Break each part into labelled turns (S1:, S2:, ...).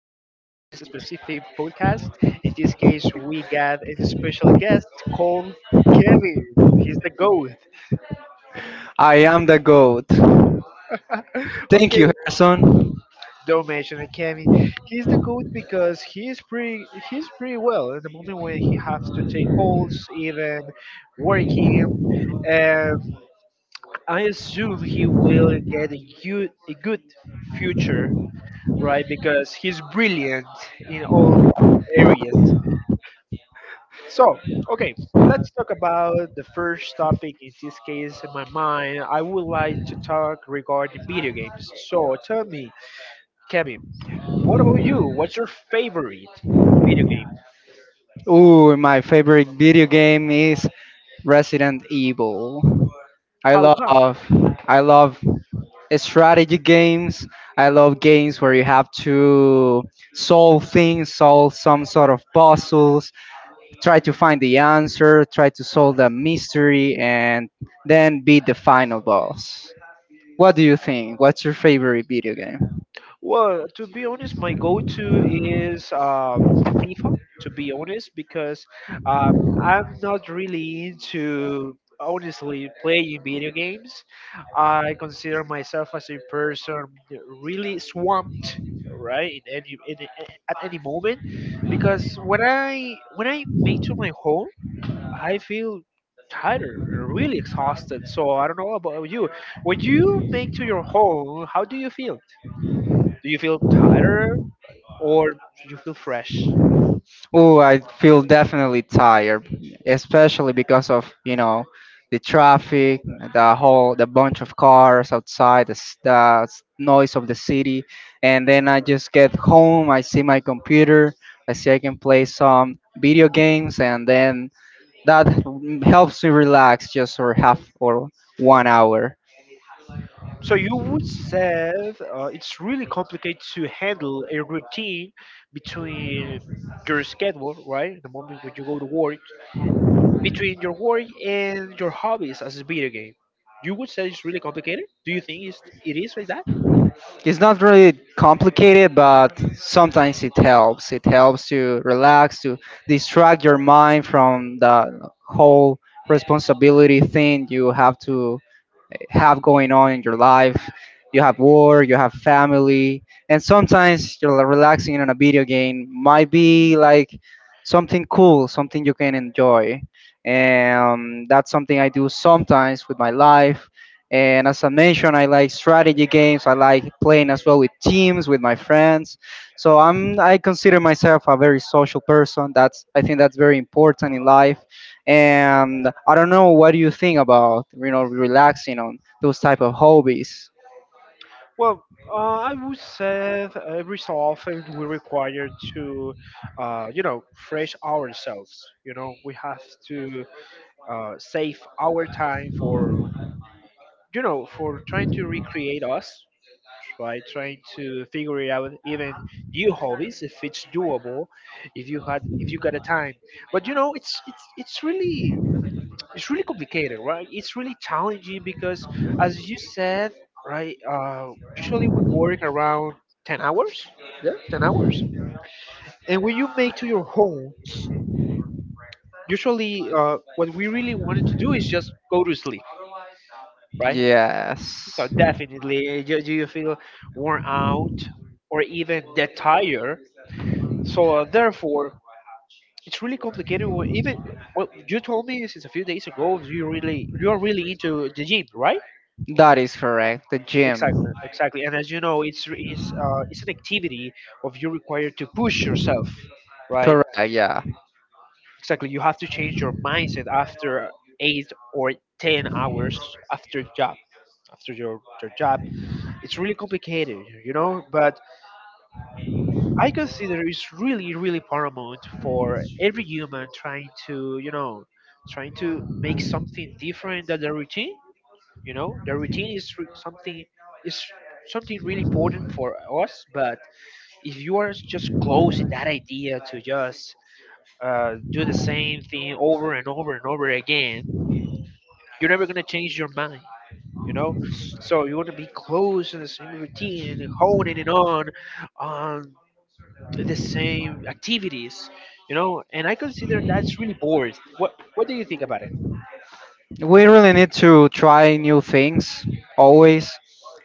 S1: Specific podcast. In this case, we got a special guest called Kevin. He's the goat.
S2: I am the goat. Thank
S1: Okay,
S2: you, Harrison.
S1: don't mention it, Kevin. He's the goat because he's pretty. He's pretty well at the moment when he has to take calls, even working. Um, I assume he will get a good future, right? Because he's brilliant in all areas. So, okay, let's talk about the first topic. In this case, in my mind, I would like to talk regarding video games. So, tell me, Kevin, what about you? What's your favorite video game?
S2: Ooh, my favorite video game is Resident Evil. I
S1: How come?
S2: love I love strategy games. I love games where you have to solve things, solve some sort of puzzles, try to find the answer, try to solve the mystery and then beat the final boss. What do you think? What's your favorite video game?
S1: Well, to be honest, my go-to is the FIFA. To be honest, because uh, I'm not really into honestly playing video games. I consider myself as a person really swamped, right? In any, in- At any moment, because when I make to my home, I feel tired, really exhausted. So I don't know about you. When you make to your home, how do you feel? Do you feel tighter or do you feel fresh?
S2: Oh, I feel definitely tired, especially because of, the traffic, the whole, the bunch of cars outside, the noise of the city. And then I just get home, I see my computer, I see I can play some video games, and then that helps me relax just for half or one hour.
S1: So you would say it's really complicated to handle a routine between your schedule, right? The moment when you go to work, between your work and your hobbies as a video game. You would say it's really complicated. Do you think it is like that?
S2: It's not really complicated, but sometimes it helps. It helps to relax, to distract your mind from the whole responsibility thing you have to have going on in your life. You have work, you have family, and sometimes you're relaxing on a video game might be like something cool, something you can enjoy. And that's something I do sometimes with my life. And as I mentioned, I like strategy games. I like playing as well with teams, with my friends. So I consider myself a very social person. That's I think that's very important in life. And I don't know what do you think about relaxing on those type of hobbies.
S1: Well, I would say that every so often we require to, you know, fresh ourselves. You know, we have to save our time for you know for trying to recreate us trying to figure it out even new hobbies if it's doable if you had, if you got a time but you know it's really, it's really complicated, right? It's really challenging because as you said, right, usually we work around 10 hours, yeah, 10 hours. And when you make to your home, usually what we really wanted to do is just go to sleep, right? So
S2: Yes.
S1: definitely, you feel worn out or even that tired. So therefore, it's really complicated. Even what you told me since a few days ago, you really, you are really into the gym, right?
S2: That is correct. The
S1: Exactly,
S2: gym.
S1: exactly. And as you know, it's re- it's an activity of you required to push yourself, right?
S2: Correct, yeah.
S1: Exactly. You have to change your mindset after 8 or 10 hours after job after your job. It's really complicated, you know, but I consider it's really, really paramount for every human trying to, you know, trying to make something different than the routine. You know, the routine is something is something really important for us. But if you are just close to that idea to just do the same thing over and over and over again, you're never gonna change your mind. You know, so you want to be close to the same routine, and honing it on the same activities, you know, and I consider that's really bored. What do you think about it?
S2: We really need to try new things always,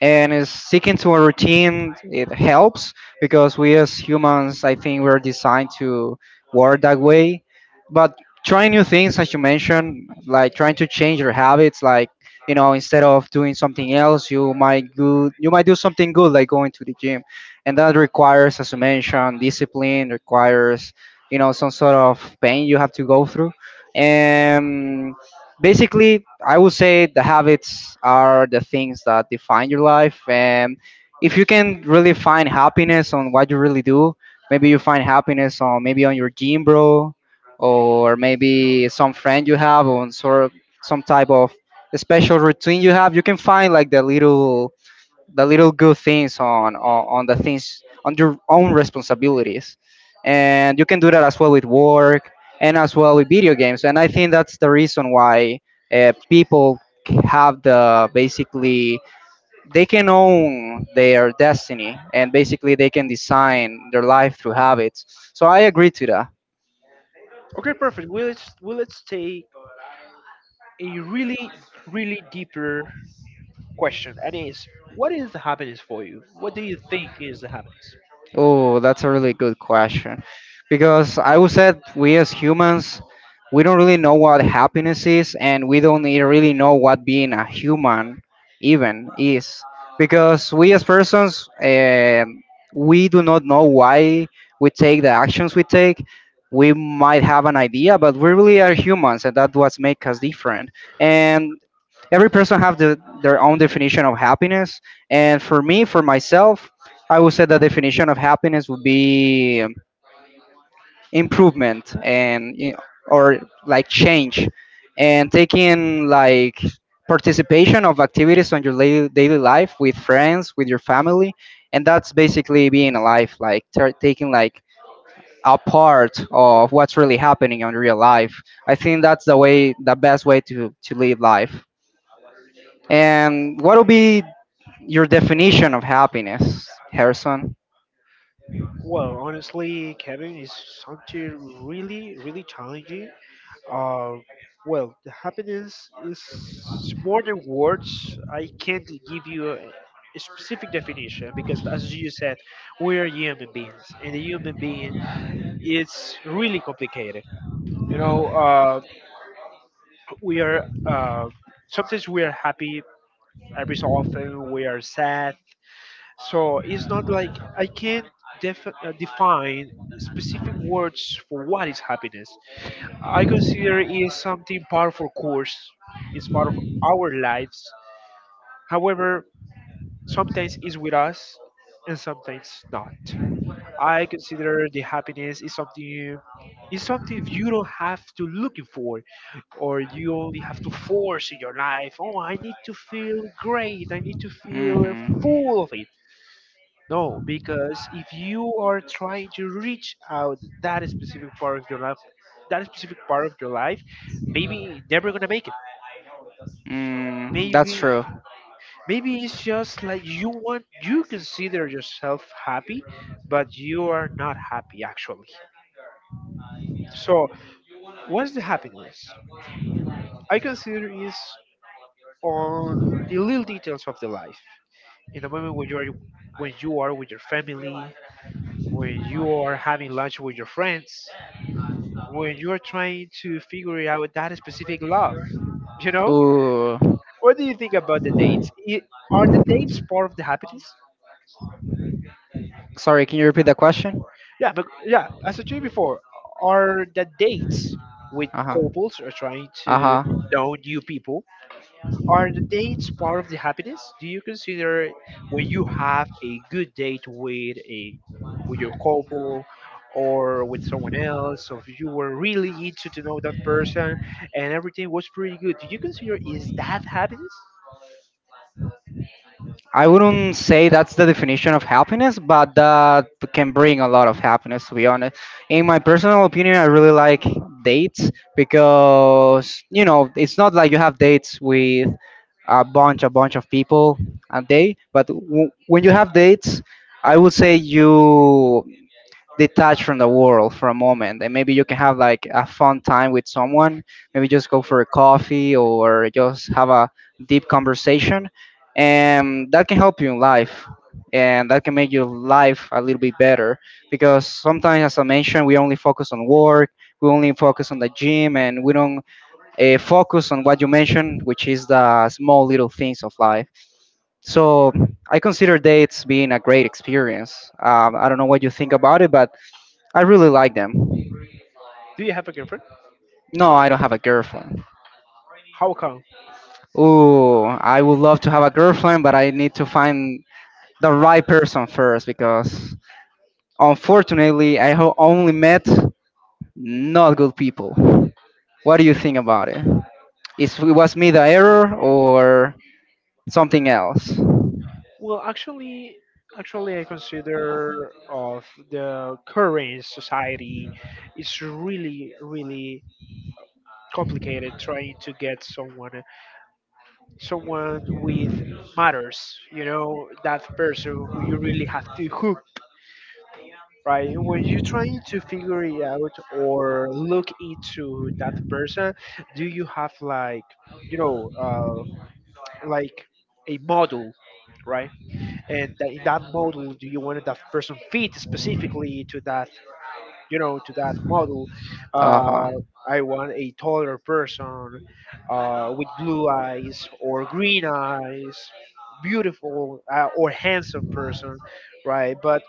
S2: and is sticking to a routine it helps, because we as humans I think we're designed to work that way. But trying new things, as you mentioned, like trying to change your habits, like instead of doing something else, you might do something good like going to the gym. And that requires, as you mentioned, discipline, requires some sort of pain you have to go through. And basically, I would say the habits are the things that define your life. And if you can really find happiness on what you really do, maybe you find happiness on, maybe on your gym bro, or maybe some friend you have, or on sort of some type of special routine you have. You can find like the little good things on the things on your own responsibilities. And you can do that as well with work, and as well with video games. And I think that's the reason why, people have the basically they can own their destiny, and basically they can design their life through habits. So I agree to that.
S1: Okay, perfect. Well, let's take a really, really deeper question, and is what is the happiness for you? What do you think is the happiness?
S2: Oh, that's a really good question. Because I would say we as humans, we don't really know what happiness is, and we don't really know what being a human even is. Because we as persons, we do not know why we take the actions we take. We might have an idea, but we really are humans, and that's what makes us different. And every person have their own definition of happiness. And for me, for myself, I would say the definition of happiness would be, improvement, and or like change, and taking like participation of activities on your daily life, with friends, with your family. And that's basically being alive, like taking like a part of what's really happening in real life. I think that's the best way to live life. And what will be your definition of happiness, Harrison?
S1: Well, honestly, Kevin, is something really, really challenging. Uh, well, the happiness is more than words. I can't give you a specific definition because, as you said, we are human beings, and a human being, it's really complicated. You know, we are sometimes we are happy, every so often we are sad. So it's not like I can't define specific words for what is happiness. I consider it is something powerful course. It's part of our lives. However, sometimes it's with us and sometimes not. I consider the happiness is something, is something you don't have to looking for or you only have to force in your life. Oh, I need to feel great. I need to feel
S2: Hmm.
S1: full of it. No, because if you are trying to reach out that specific part of your life, that specific part of your life, maybe never gonna make it.
S2: Mm, that's
S1: Maybe
S2: true.
S1: Maybe it's just like you want, you consider yourself happy, but you are not happy actually. So what's the happiness? I consider is on the little details of the life. In the moment when you are, when you are with your family, when you are having lunch with your friends, when you are trying to figure out that specific love. You know,
S2: Ooh.
S1: what do you think about the dates? Are the dates part of the happiness?
S2: Sorry, can you repeat that question?
S1: Yeah, but yeah, as I told you before, are the dates with
S2: Uh huh.
S1: couples are trying to
S2: Uh
S1: know new people.
S2: huh.
S1: Are the dates part of the happiness? Do you consider when you have a good date with a, with your couple or with someone else, or if you were really into to know that person and everything was pretty good, do you consider is that happiness?
S2: I wouldn't say that's the definition of happiness, but that can bring a lot of happiness, to be honest. In my personal opinion, I really like dates because, it's not like you have dates with a bunch of people a day. But when you have dates, I would say you detach from the world for a moment, and maybe you can have like a fun time with someone, maybe just go for a coffee, or just have a deep conversation. And that can help you in life, and that can make your life a little bit better, because sometimes, as I mentioned, we only focus on work, we only focus on the gym, and we don't focus on what you mentioned, which is the small little things of life. So I consider dates being a great experience. I don't know what you think about it, but I really like them.
S1: Do you have a girlfriend?
S2: No, I don't have a girlfriend.
S1: How come?
S2: Ooh, I would love to have a girlfriend, but I need to find the right person first, because unfortunately I have only met not good people. What do you think about it? Is it was me the error or something else?
S1: Well, actually, actually, I consider of the current society is really, really complicated trying to get someone someone with matters, you know, that person who you really have to hook, right? When you're trying to figure it out or look into that person, do you have like, you know, like a model, right? And that, in that model, do you want that person fit specifically to that, you know, to that model?
S2: Uh huh.
S1: uh, I want a taller person, with blue eyes or green eyes, beautiful, or handsome person, right? But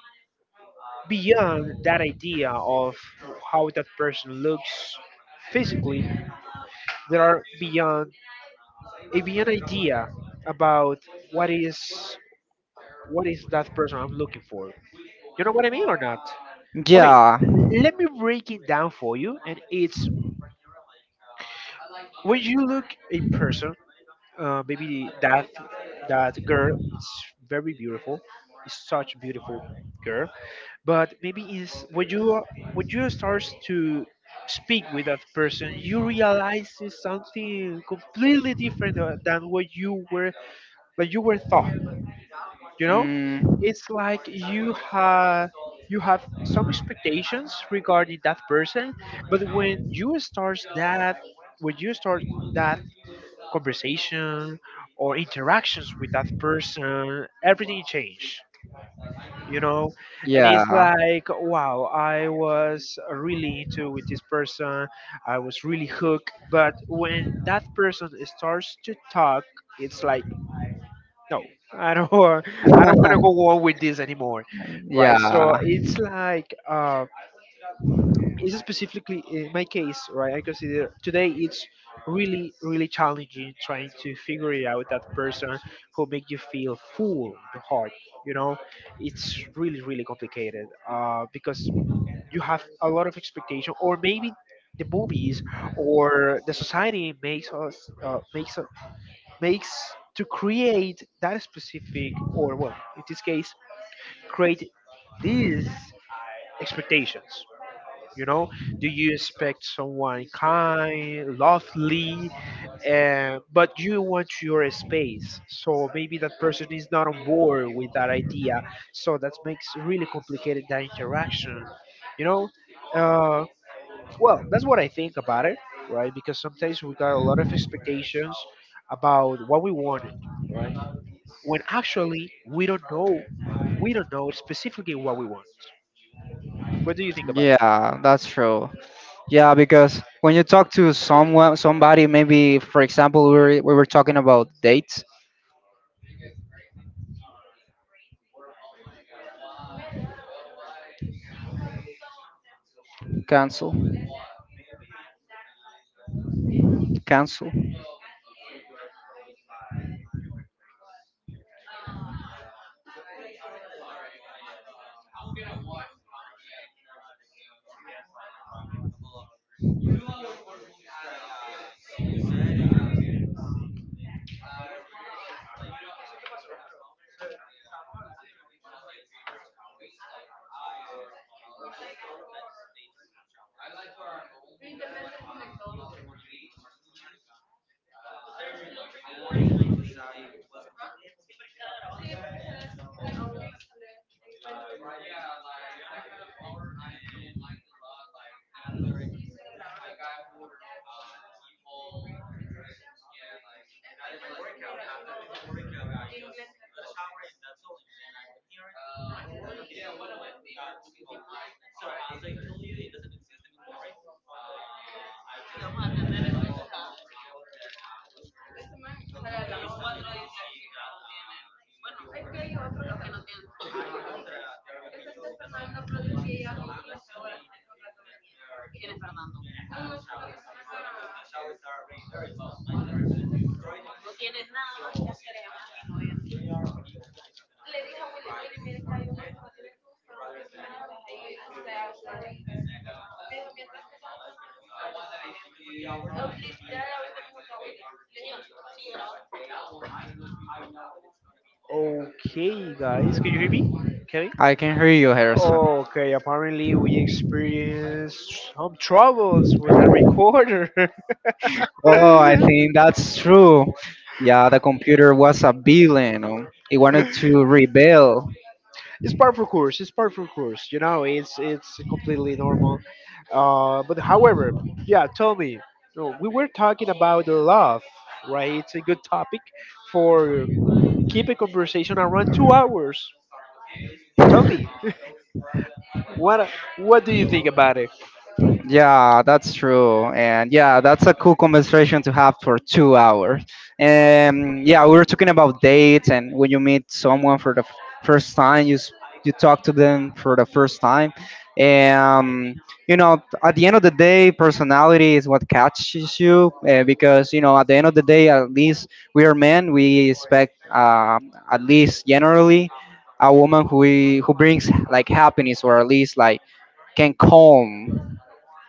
S1: beyond that idea of how that person looks physically, there are beyond a beyond idea about what is, what is that person I'm looking for. You know what I mean or not? Okay,
S2: Yeah.
S1: let me break it down for you, and it's when you look a person, maybe that, that girl is very beautiful, is such a beautiful girl. But maybe is when you are- when you start to speak with that person, you realize it's something completely different than what you were, like you were thought. You know,
S2: Mm,
S1: it's like you have, you have some expectations regarding that person, but when you start that, when you start that conversation or interactions with that person, everything changed, you know? And
S2: yeah.
S1: it's like, wow, I was really into with this person, I was really hooked, but when that person starts to talk, it's like, no, I don't, I don't want to go on with this anymore, right? So
S2: Yeah.
S1: it's like, um, is specifically in my case, right? I consider today it's really, really challenging trying to figure it out that person who make you feel full in your heart. You know, it's really, really complicated because you have a lot of expectation, or maybe the movies or the society makes us makes to create that specific, or well, in this case, create these expectations, you know, do you expect someone kind, lovely, but you want your space? So maybe that person is not on board with that idea. So that makes really complicated that interaction. You know, uh, well, that's what I think about it, right? Because sometimes we got a lot of expectations about what we wanted, right? When actually we don't know specifically what we want. What do you think about it?
S2: Yeah, that's true. Yeah, because when you talk to someone, somebody, maybe for example, we were talking about dates, cancel, cancel.
S1: No sé qué pasó, pero o sea, estábamos hablando y de repente dejó de, okay, guys, can you hear me? Kevin?
S2: I can hear you, Harrison.
S1: Okay, apparently we experienced some troubles with the recorder.
S2: Oh, I think that's true. Yeah, the computer was a villain. It wanted to rebel.
S1: It's part of course. It's part of course. You know, it's completely normal. But however, yeah, tell me. No, we were talking about love, right? It's a good topic for keep a conversation around 2 hours. Tell me, what what do you think about it?
S2: Yeah, that's true. And yeah, that's a cool conversation to have for 2 hours. And yeah, we were talking about dates, and when you meet someone for the first time, you talk to them for the first time. And at the end of the day, personality is what catches you, because at the end of the day, at least we are men. We expect, at least generally, a woman who who brings like happiness, or at least like can calm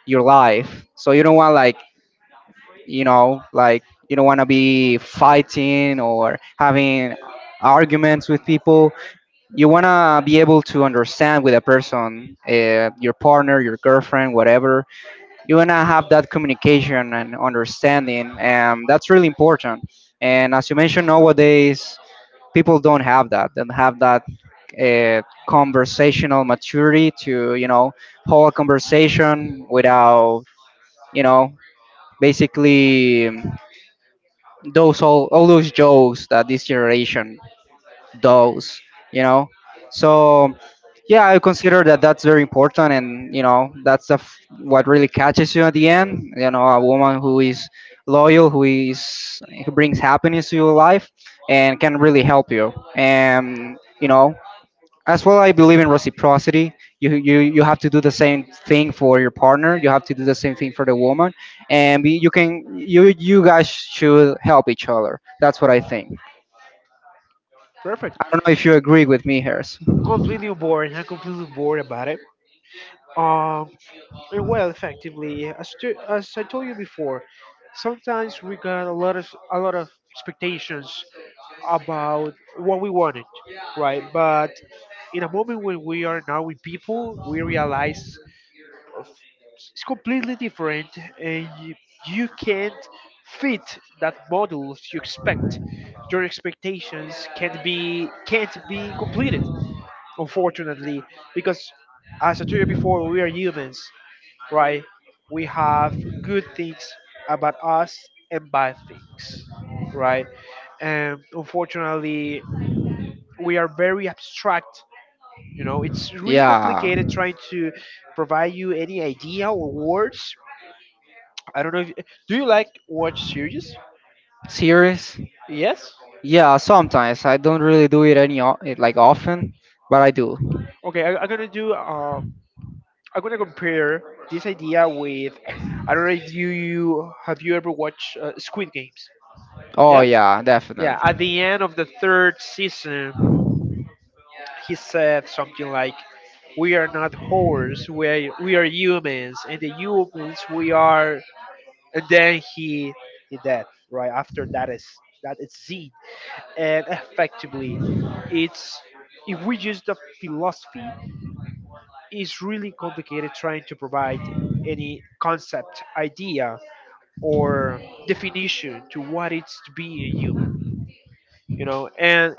S2: your life. So you don't want like you know like you don't want to be fighting or having arguments with people. You want to be able to understand with a person, your partner, your girlfriend, whatever. You want to have that communication and understanding, and that's really important. And as you mentioned, nowadays people don't have that. Don't have that. Uh, Conversational maturity to hold a conversation without, you know basically, those all those jokes that this generation does, you know. So yeah, I consider that's very important, and that's what really catches you at the end. You know, a woman who is loyal, who brings happiness to your life, and can really help you. And as well I believe in reciprocity. You have to do the same thing for your partner, you have to do the same thing for the woman. And we- you can you you guys should help each other. That's what I think.
S1: Perfect.
S2: I don't know if you agree with me, Harris.
S1: I'm completely bored. I'm completely bored about it. Um, and well, effectively, yeah, as I told you before, sometimes we got a lot of, a lot of expectations about what we wanted, right? But in a moment when we are now with people, we realize it's completely different and you can't fit that model you expect, your expectations can't be, can't be completed, unfortunately, because as I told you before, we are humans, right? We have good things about us and bad things, right? And unfortunately, we are very abstract. You know, it's really
S2: Yeah.
S1: complicated trying to provide you any idea or words. I don't know. If, do you like watch series?
S2: Serious?
S1: Yes.
S2: Yeah, sometimes I don't really do it, it like often, but I do.
S1: Okay, I'm gonna do. I'm gonna compare this idea with. I don't know if you have you ever watched Squid Games?
S2: Oh
S1: Yeah.
S2: yeah,
S1: Yeah. At
S2: definitely.
S1: the end of the third season, he said something like, "We are not whores. We are humans, and the humans we are." And then he dead right after that is, that is Z. And effectively. It's if we use the philosophy, it's really complicated trying to provide any concept, idea, or definition to what it's to be a human. You know, and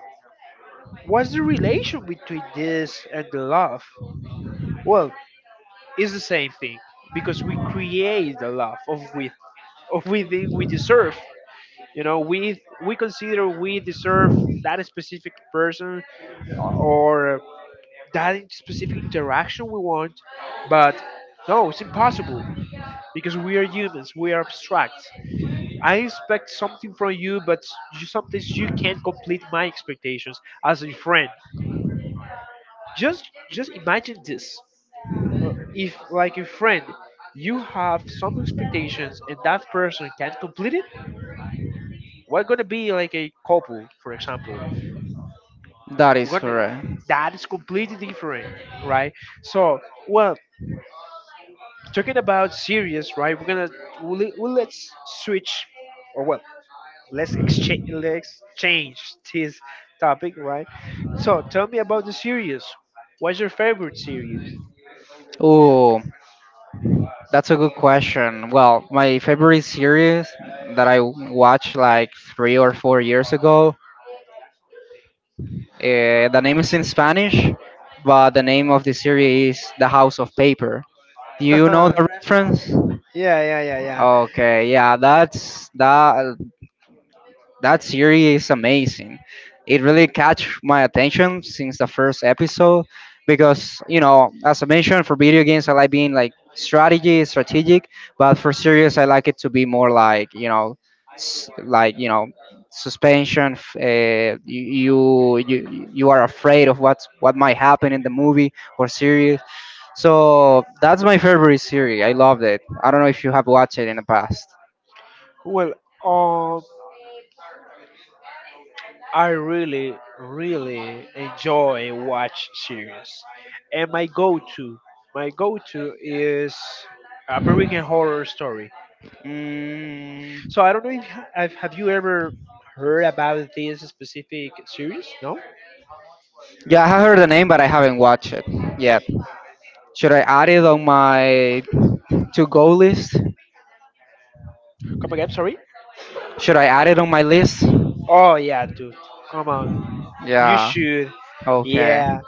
S1: what's the relation between this and the love? Well, it's the same thing because we create the love of with of we think we deserve. You know, we consider we deserve that specific person or that specific interaction we want, but no, it's impossible because we are humans, we are abstract. I expect something from you, but you, sometimes you can't complete my expectations as a friend. Just imagine this: If like a friend, you have some expectations and that person can't complete it, we're gonna be like a couple, for example.
S2: That is
S1: We're gonna
S2: correct.
S1: that is completely different, right? So, well, talking about series, right? We're gonna we'll let's switch, or well, let's exchange let's change this topic, right? So tell me about the series. What's your favorite series?
S2: Oh, that's a good question. Well, my favorite series that I watched like 3 or 4 years ago, the name is in Spanish, but the name of the series is The House of Paper. Do you know
S1: yeah,
S2: the reference?
S1: yeah, yeah, yeah.
S2: Okay, yeah, that's that. That series is amazing. It really catch my attention since the first episode, because as I mentioned, for video games I like being like strategy, strategic, but for series I like it to be more like s- like you know, suspension. You are afraid of what might happen in the movie or series. So that's my favorite series. I loved it. I don't know if you have watched it in the past.
S1: Well, um, I really, really enjoy watch series, and my go-to is American Horror Story.
S2: Mm,
S1: So I don't know if have you ever heard about this specific series? No.
S2: yeah, I have heard the name, but I haven't watched it yet. Should I add it on my to go list?
S1: Come again? Sorry.
S2: Should I add it on my list?
S1: Oh yeah, dude. Come on. You
S2: Yeah.
S1: should.
S2: Okay.
S1: Yeah.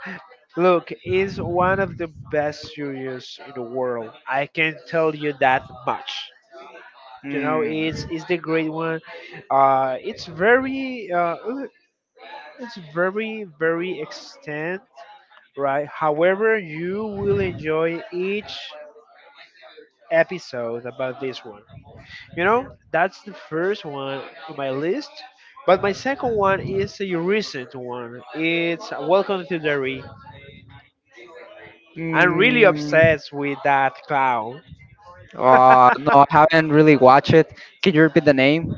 S1: Look, it's one of the best series in the world. I can tell you that much. You know,
S2: Hmm.
S1: it's the great one, it's very, it's very very extent, right? However, you will enjoy each episode about this one. You know, that's the first one in my list, but my second one is a recent one. It's Welcome to Derry. I'm really
S2: Mm.
S1: obsessed with that clown.
S2: No, I haven't really watched it. Can you repeat the name?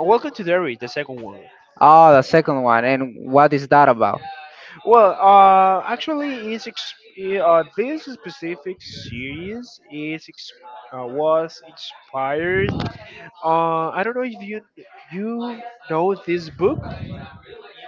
S1: Welcome to Derry, the second one.
S2: Oh, the second one. And what is that about?
S1: Well, actually, this specific series was inspired. I don't know if you know this book,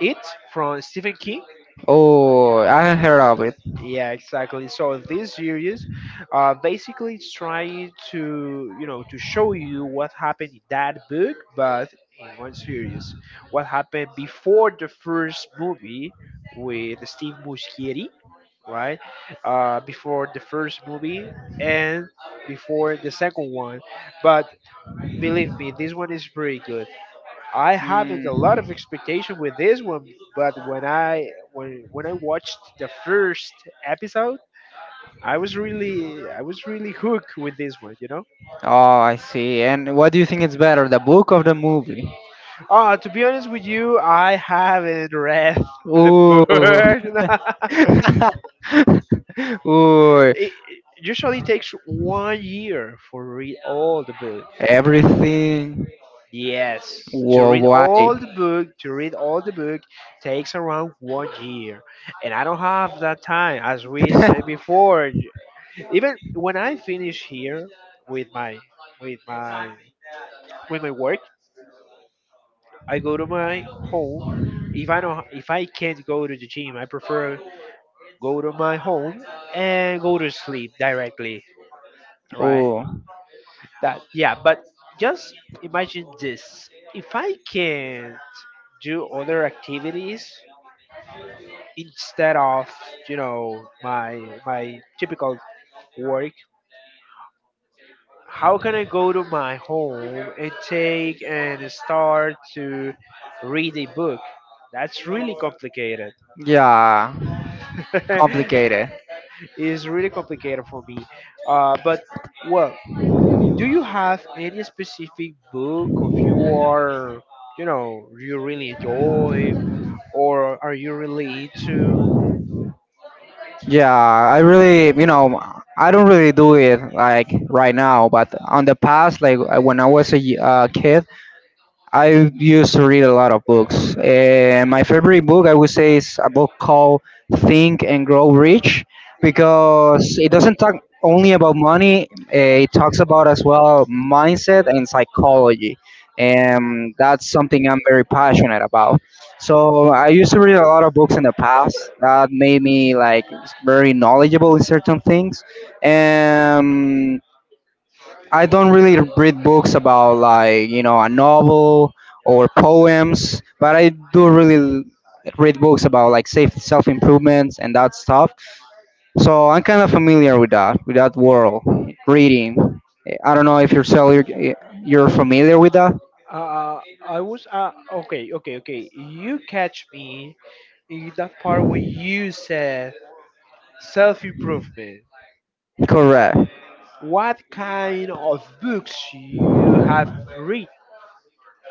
S1: It, from Stephen King.
S2: Oh, I haven't heard of it.
S1: Yeah, exactly. So this series, basically it's trying to, you know, to show you what happened in that book, but in one series, what happened before the first movie with Steve Buscemi, right? Before the first movie and before the second one, but believe me, this one is pretty good. I haven't a lot
S2: Mm.
S1: of expectation with this one, but when I watched the first episode, I was really hooked with this one, you know.
S2: Oh, I see. And what do you think is better, the book or the movie?
S1: To be honest with you, I haven't read the
S2: Ooh.
S1: book.
S2: Ooh.
S1: it it usually takes one year for read all the book.
S2: Everything
S1: Yes, to read
S2: why?
S1: all the book, to read all the book takes around one year, and I don't have that time. As we said before, even when I finish here with my with my with my work, I go to my home. If I don't, if I can't go to the gym, I prefer go to my home and go to sleep directly. Right?
S2: Oh,
S1: That yeah. But just imagine this: if I can do other activities instead of, you know, my typical work, how can I go to my home and take and start to read a book? That's really complicated.
S2: yeah, complicated.
S1: It's really complicated for me. But well, do you have any specific book of your, you know, you really enjoy, or are you really into?
S2: Yeah, I don't really do it like right now, but on the past, like when I was a kid, I used to read a lot of books. And my favorite book, I would say, is a book called Think and Grow Rich, because it doesn't talk only about money, it talks about as well mindset and psychology. And that's something I'm very passionate about. So I used to read a lot of books in the past that made me like very knowledgeable in certain things. And I don't really read books about like a novel or poems, but I do really read books about like safe self improvements and that stuff. So I'm kind of familiar with that world reading. I don't know if you're familiar with that.
S1: I was okay, okay, okay. You catch me in that part when you said self improvement.
S2: Correct.
S1: What kind of books you have read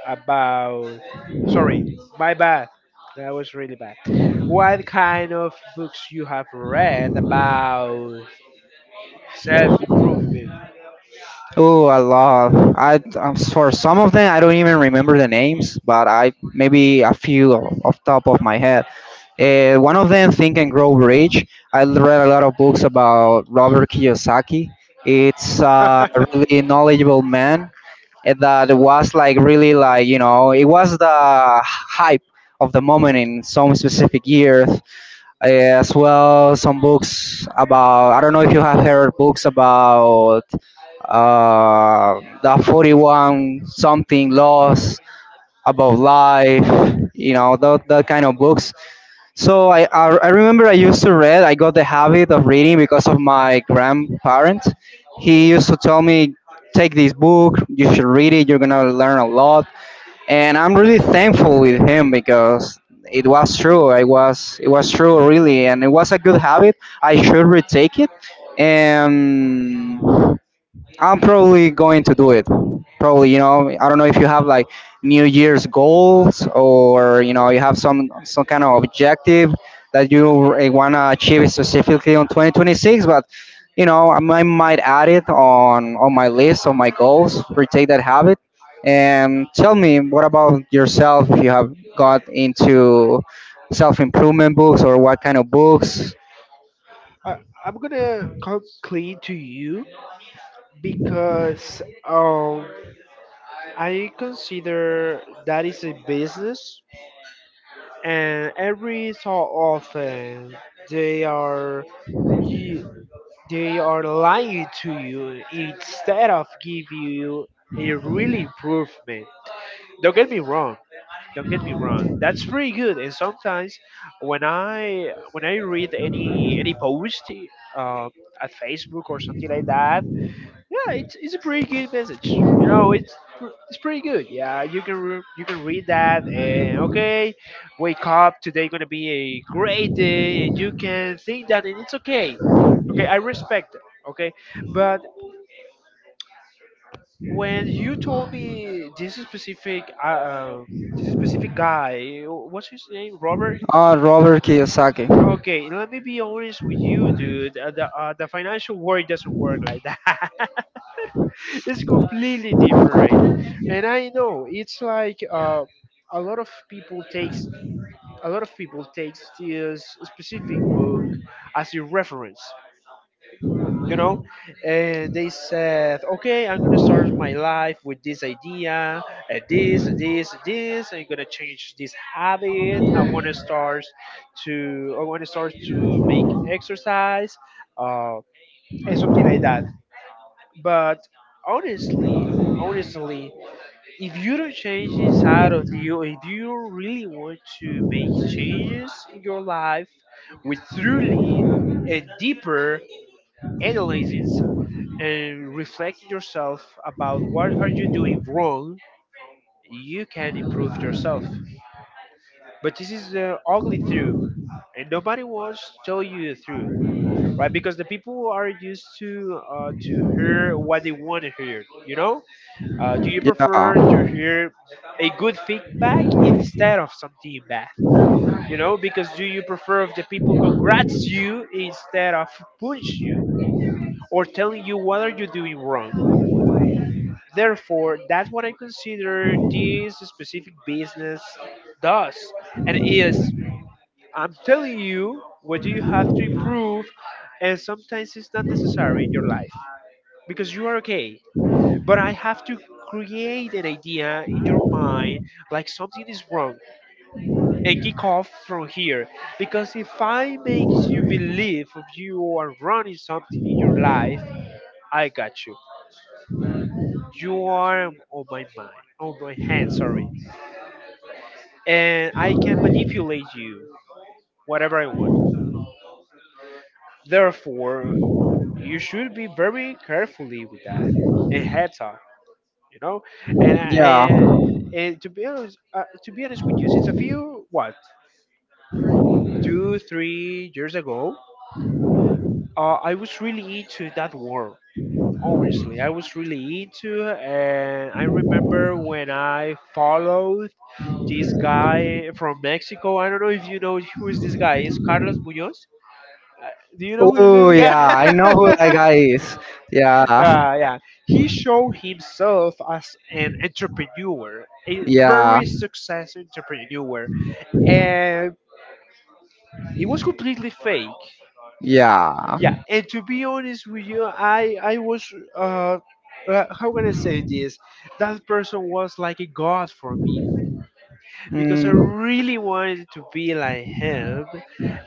S1: about? Sorry, my bad. That was really bad. What kind of books you have read about self improvement?
S2: Oh, I love. I For some of them I don't even remember the names, but I maybe a few off top of my head. One of them, Think and Grow Rich. I read a lot of books about Robert Kiyosaki. It's a really knowledgeable man that was like really like you know it was the hype of the moment in some specific years. As well, some books about I don't know if you have heard books about uh, the 41 something laws about life. You know that kind of books so I remember I used to read. I got the habit of reading because of my grandparent. He used to tell me, "Take this book. You should read it. You're gonna learn a lot." And I'm really thankful with him because it was true. I was it was true really, and it was a good habit. I should retake it. And I'm probably going to do it. Probably, you know, I don't know if you have like New Year's goals or you know you have some kind of objective that you wanna achieve specifically on 2026. But you know, I might add it on my list of my goals. Retake that habit and tell me what about yourself? If you have got into self improvement books or what kind of books.
S1: I, I'm gonna come clean to you because um, I consider that is a business, and every so often they are you, they are lying to you instead of give you a real improvement. Don't get me wrong. Don't get me wrong. That's pretty good. And sometimes when I read any post uh, at Facebook or something like that. Yeah, it's a pretty good message. You know, it's pretty good. Yeah, you can read that and okay, wake up. Today gonna be a great day, and you can think that, and it's okay. Okay, I respect it. Okay, but when you told me this specific guy, what's his name, Robert?
S2: Ah,
S1: He,
S2: Robert Kiyosaki.
S1: okay, let me be honest with you, dude. The financial work doesn't work like that. It's completely different, and I know it's like, a lot of people takes a lot of people takes this specific book as a reference, you know, and they said okay, I'm gonna start my life with this idea, and this and this and this. I'm gonna change this habit. I want to start to make exercise, uh, and something like that. But honestly, honestly, if you don't change inside of you, if you don't really want to make changes in your life with truly and deeper analysis and reflect yourself about what are you doing wrong, you can improve yourself. But this is the ugly truth, and nobody wants to tell you the truth, right? Because the people are used to, to hear what they want to hear, you know. Do you prefer to
S2: Yeah.
S1: hear a good feedback instead of something bad? You know, because do you prefer if the people congrats you instead of punch you or telling you what are you doing wrong? Therefore, that's what I consider this specific business does. And is I'm telling you what you have to improve, and sometimes it's not necessary in your life because you are okay, but I have to create an idea in your mind like something is wrong and kick off from here. Because if I make you believe of you are running something in your life, I got you. You are on my mind, on my hand, sorry, and I can manipulate you whatever I want. Therefore, you should be very carefully with that and heads up, you know. And I,
S2: Yeah.
S1: and, and to be honest with you, since a few what two, 3 years ago, I was really into that world. Honestly, I was really into, and I remember when I followed this guy from Mexico. I don't know if you know who is this guy. Is Carlos Munoz? Uh, do you know who is
S2: Oh
S1: this guy?
S2: yeah, I
S1: I know
S2: know
S1: who
S2: who
S1: that
S2: that
S1: guy
S2: guy
S1: is.
S2: is. Yeah,
S1: uh, yeah, he showed himself as an entrepreneur, a Yeah.
S2: yeah,
S1: very successful entrepreneur, and it was completely fake.
S2: yeah.
S1: Yeah, and to be honest with you, I was how can I say this, that person was like a god for me because I
S2: Mm.
S1: really wanted to be like him.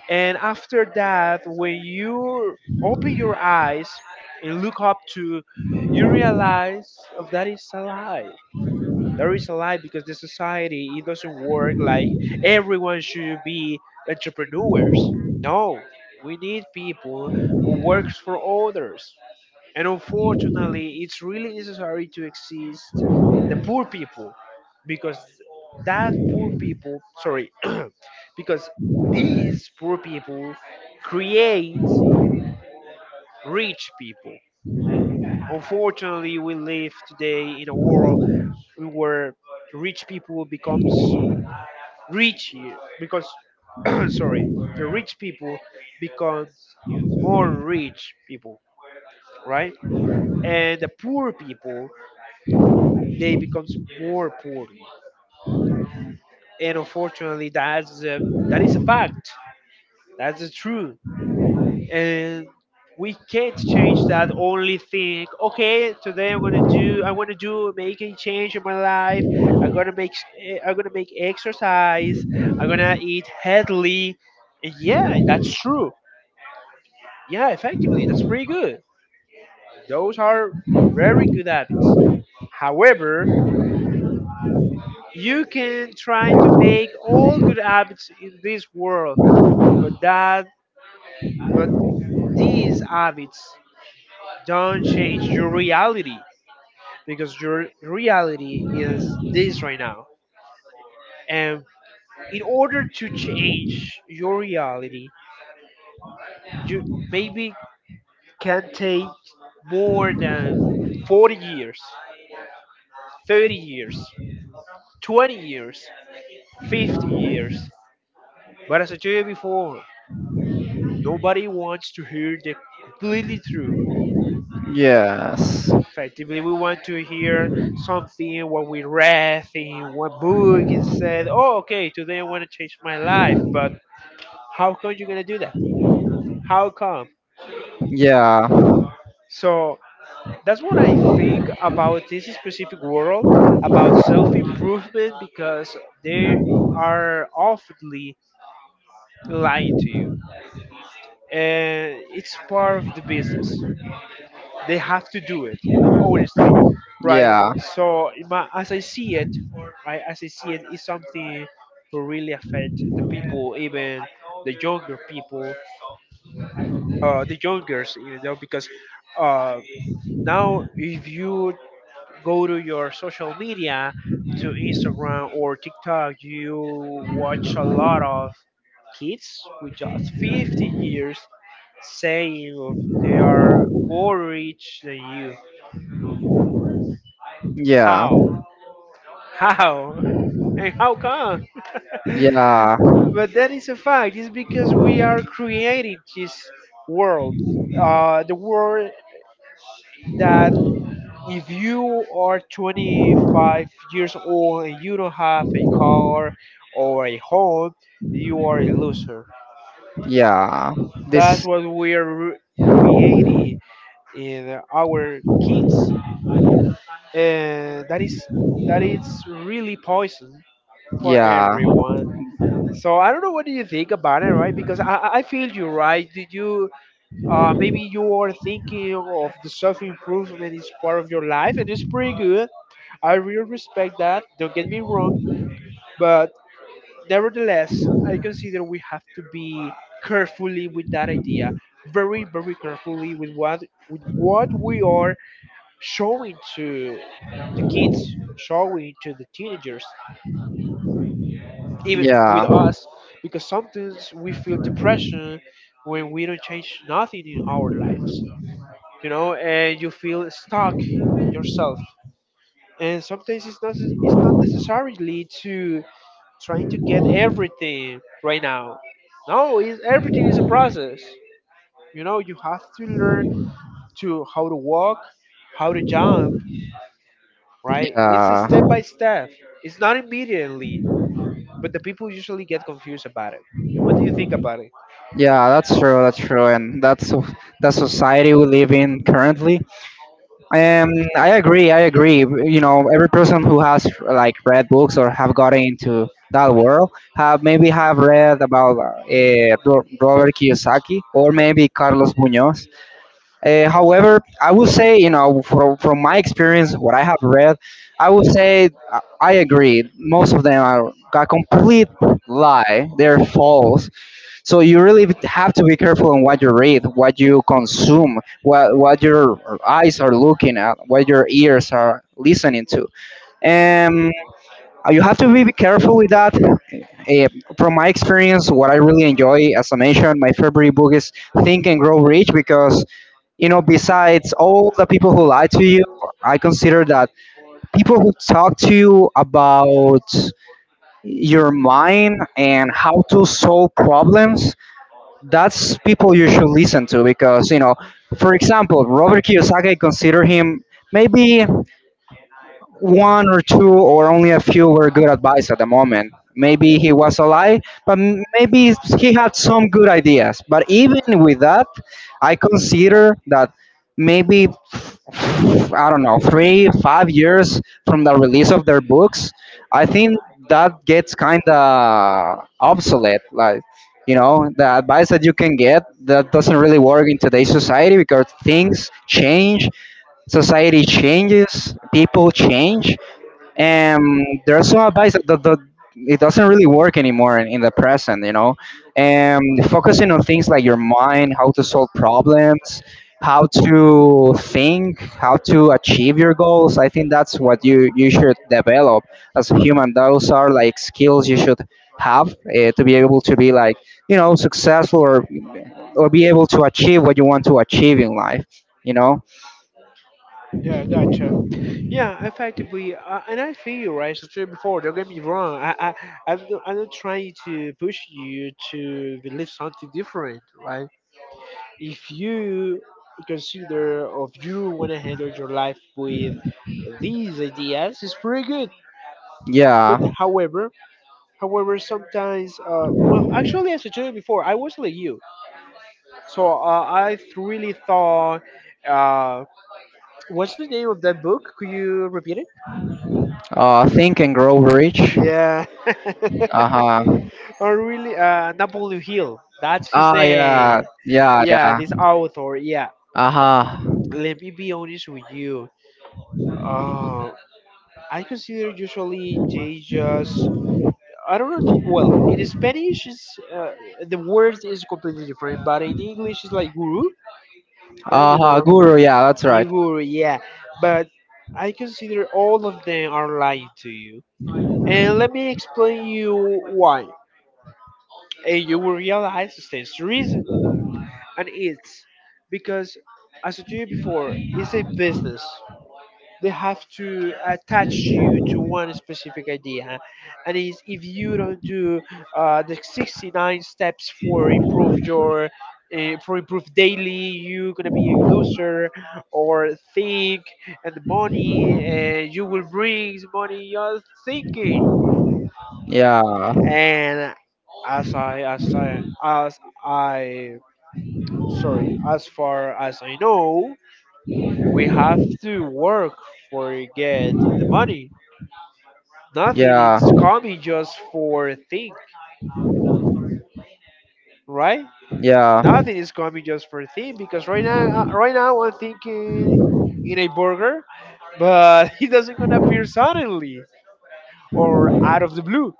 S1: And after that, when you open your eyes and look up to, you realize of that is a lie. There is a lie because the society, it doesn't work like everyone should be entrepreneurs. No, we need people who works for others. And unfortunately, it's really necessary to exist the poor people because sorry, because these poor people create rich people. Unfortunately, we live today in a world where rich people becomes rich because sorry, the rich people become more rich people, right? And the poor people, they becomes more poor. And unfortunately, that is a fact. That's the truth. And we can't change that only think okay, today I want to do make a change in my life. i'm gonna make I'm gonna make exercise. I'm gonna eat healthy. And yeah, that's true. Yeah, effectively, that's pretty good. Those are very good habits. However, you can try to make all good habits in this world, but that but these habits don't change your reality because your reality is this right now. And in order to change your reality, you maybe can take more than 40 years, 30 years, 20 years 50 years. But as I told you before, nobody wants to hear the completely true.
S2: Yes.
S1: Effectively, we want to hear something what we read in one book and said, oh, okay, today I want to change my life. But how come you're going to do that? How come?
S2: Yeah.
S1: So that's what I think about this specific world, about self improvement, because they are oftenly lying to you. And it's part of the business. They have to do it, honestly, right?
S2: Yeah.
S1: So in my, as I see it, right, as I see it, it's something to really affect the people, even the younger people, the youngers, you know, because uh, now if you go to your social media, to Instagram or TikTok, you watch a lot of kids with just 15 years saying of they are more rich than you.
S2: Yeah,
S1: How? How? And how come?
S2: yeah,
S1: But that is a fact. It's because we are creating this world. The world that if you are 25 years old and you don't have a car or a home, you are a loser.
S2: yeah.
S1: That's
S2: This,
S1: what we are creating in our kids. And that is really poison for
S2: yeah,
S1: everyone. So I don't know what do you think about it, right? Because I feel you, right? Did you Maybe you are thinking of the self improvement is part of your life, and it's pretty good. I really respect that. Don't get me wrong, but nevertheless, I consider we have to be carefully with that idea, very very carefully with what we are showing to the kids, showing to the teenagers, even
S2: yeah,
S1: with us because sometimes we feel depression when we don't change nothing in our lives and you feel stuck in yourself. And sometimes it's not necessarily to trying to get everything right now. No, it's, everything is a process. You know, you have to learn to how to walk, how to jump, right? It's a
S2: yeah,
S1: step by step. It's not immediately, but the people usually get confused about it. What do you think about it?
S2: yeah. That's true. That's true, and that's the society we live in currently. Um, I agree. I agree. You know, every person who has like read books or have gotten into that world have maybe have read about Robert Kiyosaki or maybe Carlos Munoz. However, I would say, you know, from my experience, what I have read, I would say I agree. Most of them are a complete lie. They're false so you really have to be careful on what you read, what you consume, what your eyes are looking at, what your ears are listening to. Um, you have to be careful with that. Eh, from my experience, what I really enjoy, as I mentioned, my favorite book is Think and Grow Rich because you know, besides all the people who lie to you, I consider that people who talk to you about your mind and how to solve problems, that's people you should listen to because you know, for example, Robert Kiyosaki, consider him maybe one or two or only a few were good advice at the moment. Maybe he was a lie, but maybe he had some good ideas. But even with that, I consider that maybe I don't know 3 5 years from the release of their books, I think that gets kind of obsolete. Like you know, the advice that you can get that doesn't really work in today's society because things change, society changes, people change, and there are some advice that it doesn't really work anymore in the present, you know. And focusing on things like your mind, how to solve problems, how to think, how to achieve your goals. I think that's what you should develop as a human. Those are like skills you should have to be able to be like you know successful or be able to achieve what you want to achieve in life. You know,
S1: Yeah, gotcha. Yeah, effectively, and I feel you, right? So said before, don't get me wrong. I'm not trying to push you to believe something different, right? If you consider of you want to handle your life with these ideas, it's pretty good.
S2: yeah.
S1: But however, sometimes, well, actually, as I told you before, I was like you, so really thought, uh, what's the name of that book? Could you repeat it?
S2: Think and grow rich.
S1: Yeah.
S2: Uh huh.
S1: Or really, Napoleon Hill. That's his
S2: Ah yeah,
S1: name.
S2: yeah,
S1: Yeah,
S2: yeah.
S1: this author. Yeah.
S2: Uh huh.
S1: Let me be honest with you. Uh, I consider usually they just. I don't know if. You, well, in Spanish, is the word is completely different, but in English, it's like guru. Yeah,
S2: Uh
S1: you
S2: huh.
S1: know.
S2: Guru. Yeah, that's right.
S1: You guru, yeah. But I consider all of them are lying to you. And let me explain you why, and you will realize it stands to reason. And it's because, as I told you before, it's a business. They have to attach you to one specific idea, and it's, if you don't do the 69 steps for improve your for improve daily, you're gonna be a loser. Or think and the money, and you will bring the money you're thinking.
S2: Yeah,
S1: And as I sorry, as far as I know, we have to work for get the money. Nothing
S2: yeah,
S1: is coming just for think, right?
S2: yeah.
S1: Nothing is coming just for think because right now, right now I'm thinking in a burger, but it doesn't gonna appear suddenly or out of the blue,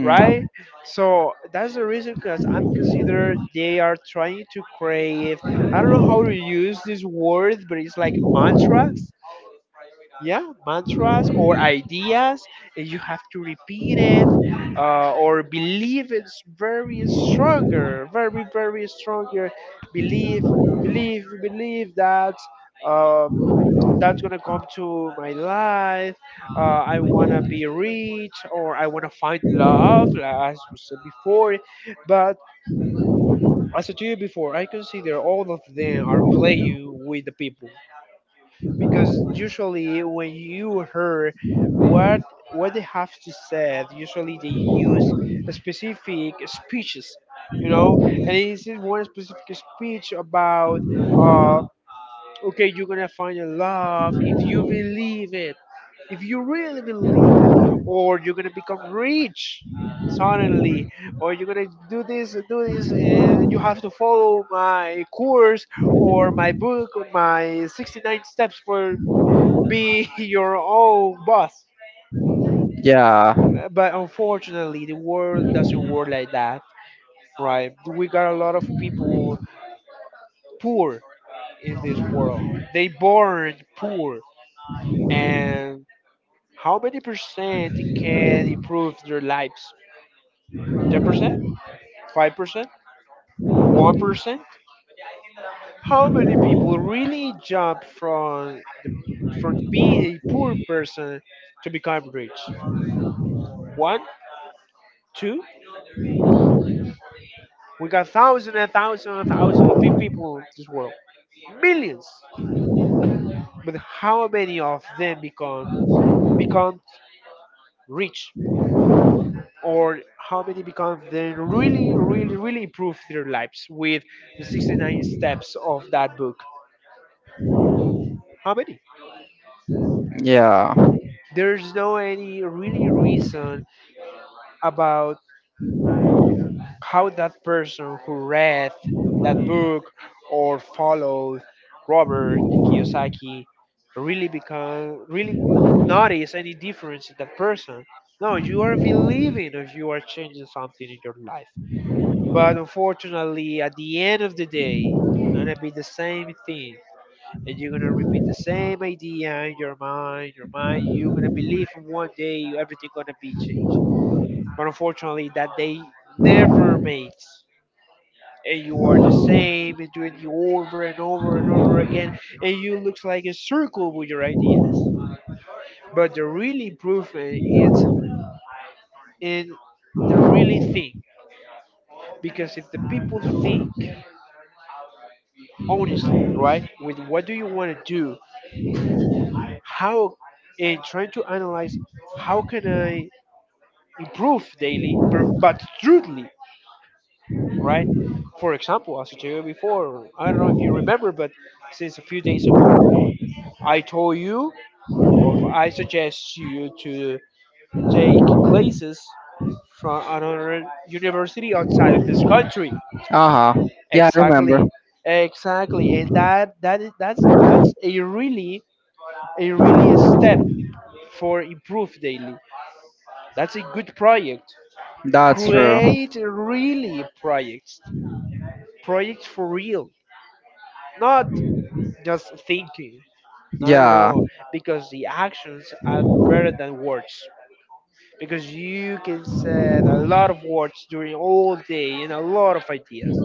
S1: right? So that's the reason because I'm considered they are trying to crave. I don't know how to use this word, but it's like mantra. Yeah, mantras or ideas, and you have to repeat it, or believe it's very stronger, very very stronger. Believe believe believe that uh, that's gonna come to my life. uh, I wanna be rich or I wanna find love, like as we said before. But as I told you before, I consider all of them are playing with the people because usually when you hear what what they have to say, usually they use specific speeches, you know, and it's in one specific speech about, uh, okay, you're gonna find your love if you believe it, if you really believe it, or you're gonna become rich suddenly, or you're gonna do this and you have to follow my course or my book, or my 69 steps for be your own boss.
S2: Yeah,
S1: But unfortunately, the world doesn't work like that, right? We got a lot of people poor in this world. They born poor, and how many percent can improve their lives? 10%, 5%, 1%. How many people really jump from the, from being a poor person to become rich? One, two. We got thousands and thousands and thousands of people in this world, millions. But how many of them become rich, or how many become then really, really, really improve their lives with the 69 steps of that book? How many?
S2: yeah.
S1: There's no any really reason about how that person who read that book or followed Robert Kiyosaki really become really notice any difference in that person. No, you are believing if you are changing something in your life. But unfortunately, at the end of the day, it's gonna be the same thing. And you're gonna repeat the same idea in your mind, you're gonna believe in one day everything gonna be changed. But unfortunately that day never makes, and you are the same and doing it over and over and over again, and you look like a circle with your ideas. But the real improvement is in the really think, because if the people think honestly, right, with what do you want to do, how, and trying to analyze how can I improve daily per, but truthfully, right? For example, as I told you before, I don't know if you remember, but since a few days ago I told you of, I suggest you to take classes from another university outside of this country.
S2: Uh huh. Yeah, I remember.
S1: Exactly. Exactly. And that that is that's a really a really a step for improve daily. That's a good project.
S2: That's true.
S1: Create really projects. Projects for real. Not just thinking. No no
S2: Yeah.
S1: no. Because the actions are better than words, because you can say a lot of words during all day and a lot of ideas,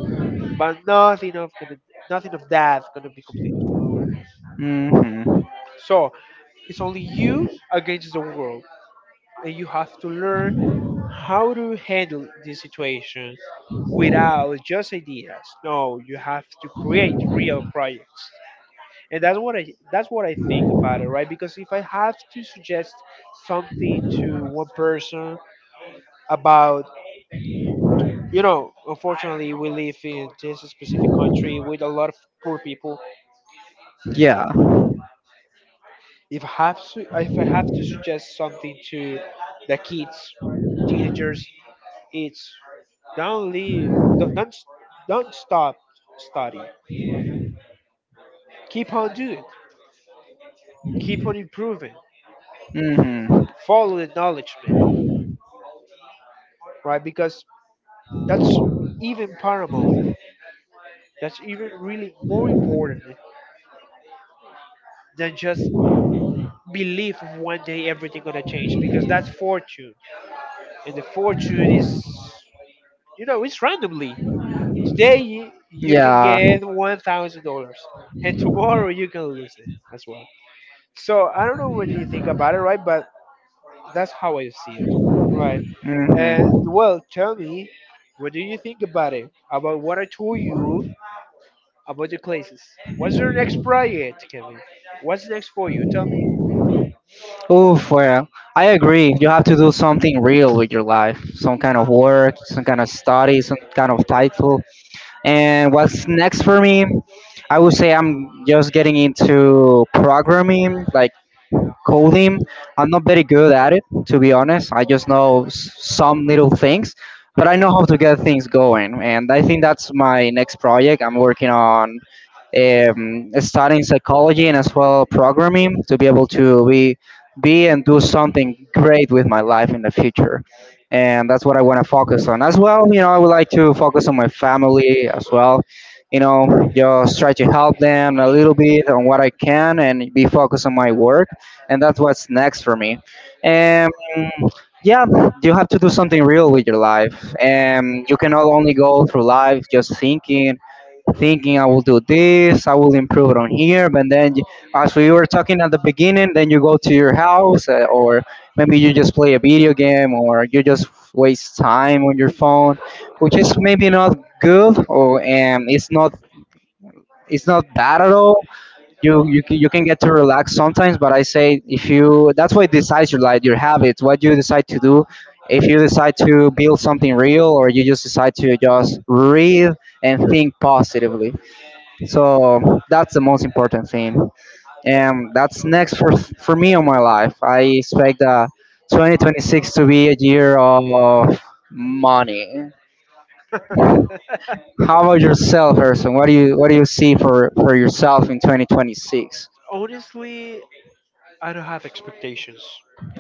S1: but nothing of that gonna be completed.
S2: Mhm.
S1: So it's only you against the world, and you have to learn how to handle this situation without just ideas. No, you have to create real projects. And that's what I think about it, right? Because if I have to suggest something to one person about, you know, unfortunately, we live in this specific country with a lot of poor people.
S2: Yeah.
S1: If I have to suggest something to the kids, teenagers, it's don't leave, don't don't, don't stop studying. Keep on doing, keep on improving,
S2: Mm-hmm.
S1: follow the knowledge, man, right? Because that's even paramount. That's even really more important than just believe one day everything gonna change, because that's fortune, and the fortune is, you know, it's randomly. Today you, you can
S2: Yeah.
S1: get $1,000 and tomorrow you can lose it as well. So I don't know what you think about it, right? But that's how I see it, right? And
S2: Mm-hmm.
S1: well tell me, what do you think about it, about what I told you about the classes? What's your next project, Kevin? What's next for you? Tell me.
S2: Oof, well, I agree. You have to do something real with your life. Some kind of work, some kind of study, some kind of title. And what's next for me? I would say I'm just getting into programming, like coding. I'm not very good at it, to be honest. I just know some little things, but I know how to get things going. And I think that's my next project. I'm working on studying psychology and as well programming to be able to be and do something great with my life in the future. And that's what I want to focus on. As well, you know, I would like to focus on my family as well, you know, just try to help them a little bit on what I can and be focused on my work, and that's what's next for me. And yeah, you have to do something real with your life, and you cannot only go through life just thinking, thinking I will do this, I will improve on here, but then as we were talking at the beginning, then you go to your house, or maybe you just play a video game, or you just waste time on your phone, which is maybe not good, or and it's not bad at all. You you can get to relax sometimes, but I say if you that's what decides your life, your habits, what you decide to do. If you decide to build something real or you just decide to just read and think positively, so that's the most important thing. And that's next for me on my life. I expect 2026 to be a year of money. How about yourself, Harrison? What do you what do you see for yourself in 2026?
S1: Honestly, I don't have expectations.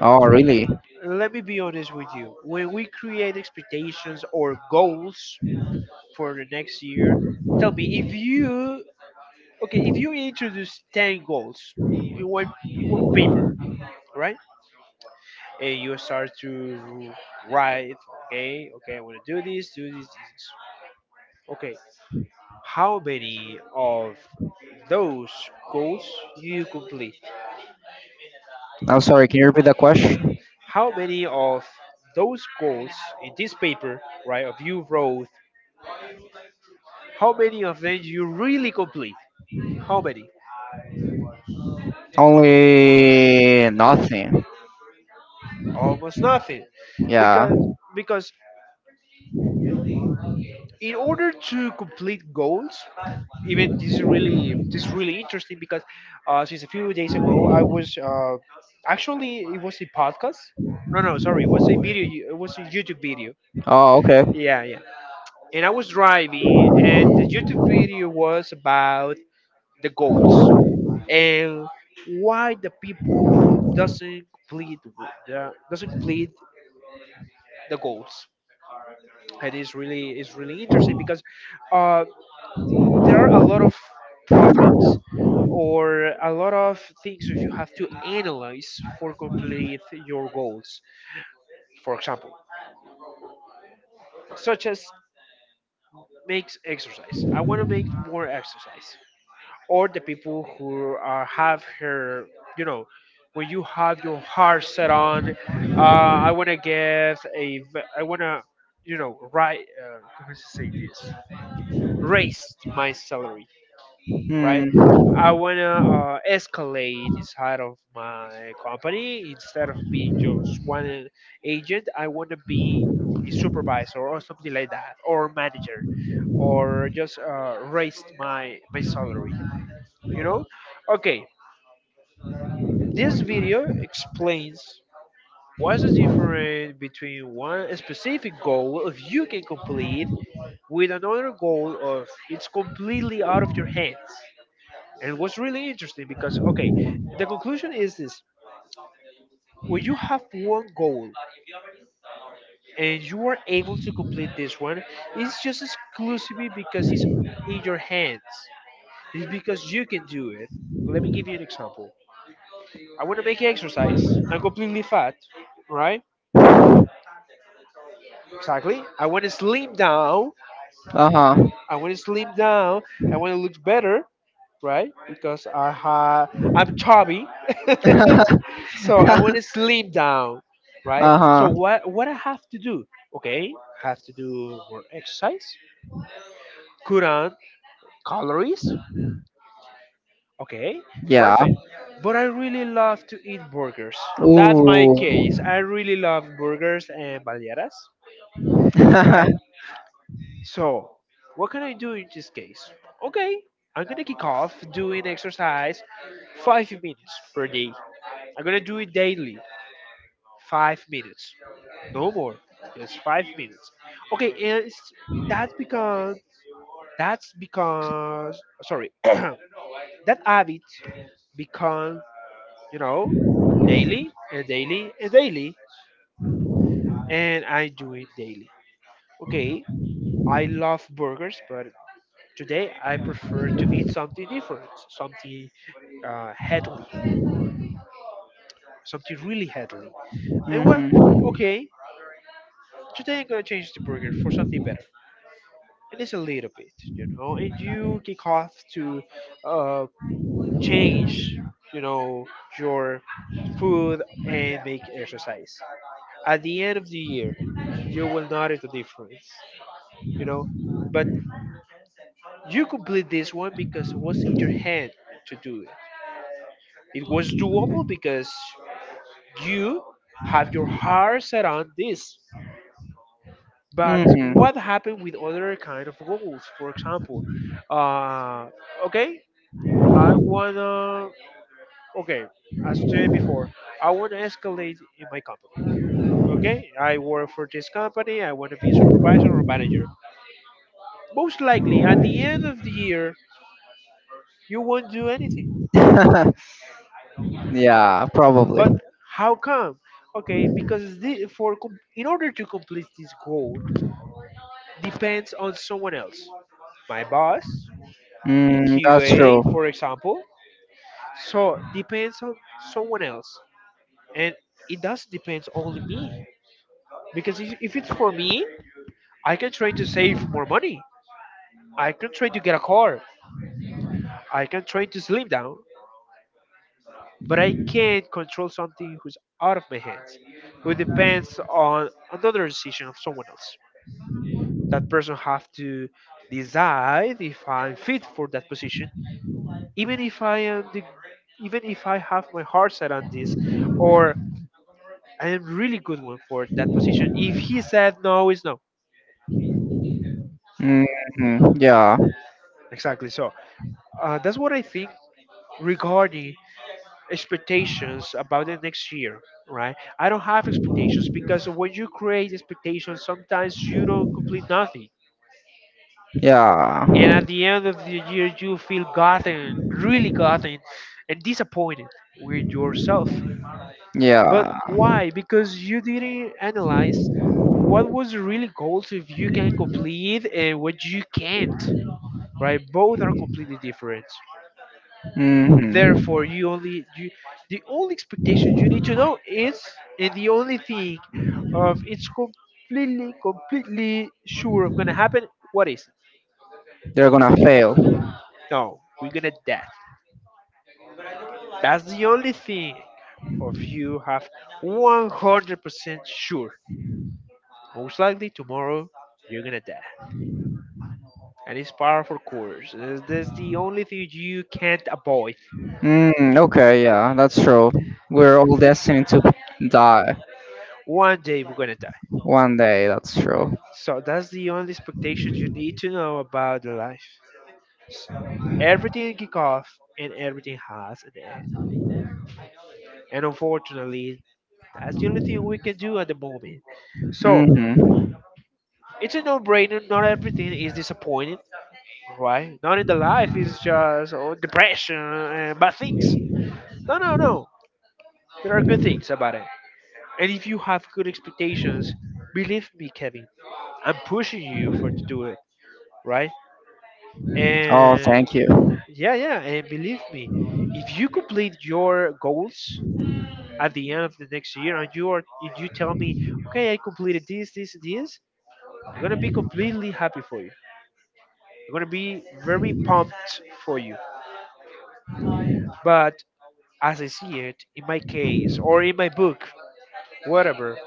S2: Oh, really?
S1: Let me be honest with you. When we create expectations or goals for the next year, tell me if you okay if you introduce 10 goals in one in one paper, right? And you start to write, okay, okay, I want to do this, do this. Okay, how many of those goals you complete?
S2: I'm sorry. Can you repeat the question?
S1: How many of those goals in this paper, right, of you wrote, how many of them you really complete? How many?
S2: Only nothing.
S1: Almost nothing.
S2: Yeah.
S1: Because because in order to complete goals, even this is really interesting because since a few days ago I was actually it was a podcast. No, no, sorry, it was a video. It was a YouTube video.
S2: Oh,
S1: Yeah, yeah. And I was driving, and the YouTube video was about the goals and why the people doesn't complete doesn't complete the goals. And
S2: okay.
S1: it's really interesting because uh, there are a lot of problems or a lot of things that you have to analyze for complete your goals. For example, such as makes exercise, I want to make more exercise, or the people who are have her, you know, when you have your heart set on, uh, I want to, you know, right, how to say this, raise my salary, right?
S2: Hmm.
S1: I want to escalate inside of my company instead of being just one agent. I want to be a supervisor or something like that, or manager, or just raised my salary, you know? Okay, this video explains what's the difference between one specific goal of you can complete with another goal of it's completely out of your hands. And what's really interesting because okay, the conclusion is this: when you have one goal and you are able to complete this one, it's just exclusively because it's in your hands. It's because you can do it. Let me give you an example. I want to make exercise. I'm completely fat, right? Exactly. I want to slim down.
S2: Uh huh.
S1: I want to slim down. I want to look better, right? Because I'm chubby. So I want to slim down, right?
S2: uh
S1: So
S2: huh.
S1: what I have to do? Okay, I have to do more exercise, cut on calories. Okay,
S2: Yeah.
S1: perfect. But I really love to eat burgers. That's my
S2: Ooh.
S1: case. I really love burgers and baleadas, right? So, what can I do in this case? Okay, I'm gonna kick off doing exercise 5 minutes per day. I'm gonna do it daily, 5 minutes, no more, just 5 minutes. Okay, and that's because that habit becomes you know daily and daily and daily, and I do it daily. Okay, I love burgers, but today, I prefer to eat something different, something headly, something really headly. And well,
S2: hmm.
S1: okay, today I'm gonna change the burger for something better. And it's a little bit, and you can off to uh, change, you know, your food and make exercise. At the end of the year, you will notice the difference, you know. But you complete this one because it was in your hand to do it. It was doable because you have your heart set on this. But
S2: Hmm.
S1: what happened with other kind of goals? For example, uh, okay, I wanna okay, as I said before, I wanna escalate in my company. Okay, I work for this company. I want to be supervisor or manager. Most likely, at the end of the year, you won't do anything.
S2: yeah, probably.
S1: But how come? Okay, because in order to complete this goal, depends on someone else. My boss, a
S2: Mm, that's
S1: QA,
S2: true.
S1: for example. So depends on someone else, and it does depends only me. Because if it's for me, I can try to save more money. I can try to get a car. I can try to slim down. But I can't control something who's out of my hands, who depends on another decision of someone else. That person have to decide if I'm fit for that position even if I am the, even if I have my heart set on this, or I am really good one for that position. If he said no, it's no.
S2: Hmm. Yeah,
S1: Exactly. So that's what I think regarding expectations about the next year. Right? I don't have expectations because when you create expectations, sometimes you don't complete nothing.
S2: yeah.
S1: And at the end of the year, you feel gotten, really gotten, and disappointed with yourself. But
S2: Yeah.
S1: why? Because you didn't analyze what was really goals if you can complete and what you can't, right? Both are completely different.
S2: Hmm.
S1: Therefore, you, the only expectation you need to know is, and the only thing of it's completely sure of gonna happen, what is it?
S2: They're gonna fail.
S1: No, we're gonna death. That's the only thing of you have 100% sure. Most likely tomorrow you're gonna die, and it's par for course. That's the only thing you can't avoid.
S2: Mm, okay, yeah, that's true. We're all destined to die
S1: One day we're gonna die.
S2: one day, that's true.
S1: So that's the only expectation you need to know about the life. Everything kick off and everything has an end. And unfortunately, that's the only thing we can do at the moment. So
S2: Mm-hmm.
S1: it's a no-brainer. Not everything is disappointing, right? Not in the life is just oh, depression and bad things. No, no, no. There are good things about it. And if you have good expectations, believe me, Kevin, I'm pushing you for to do it, right?
S2: Oh,
S1: And
S2: thank you.
S1: yeah, yeah, and believe me, if you complete your goals at the end of the next year and you are and you tell me, okay, I completed this, this, and this, I'm gonna be completely happy for you. I'm gonna be very pumped for you. But as I see it, in my case or in my book, whatever,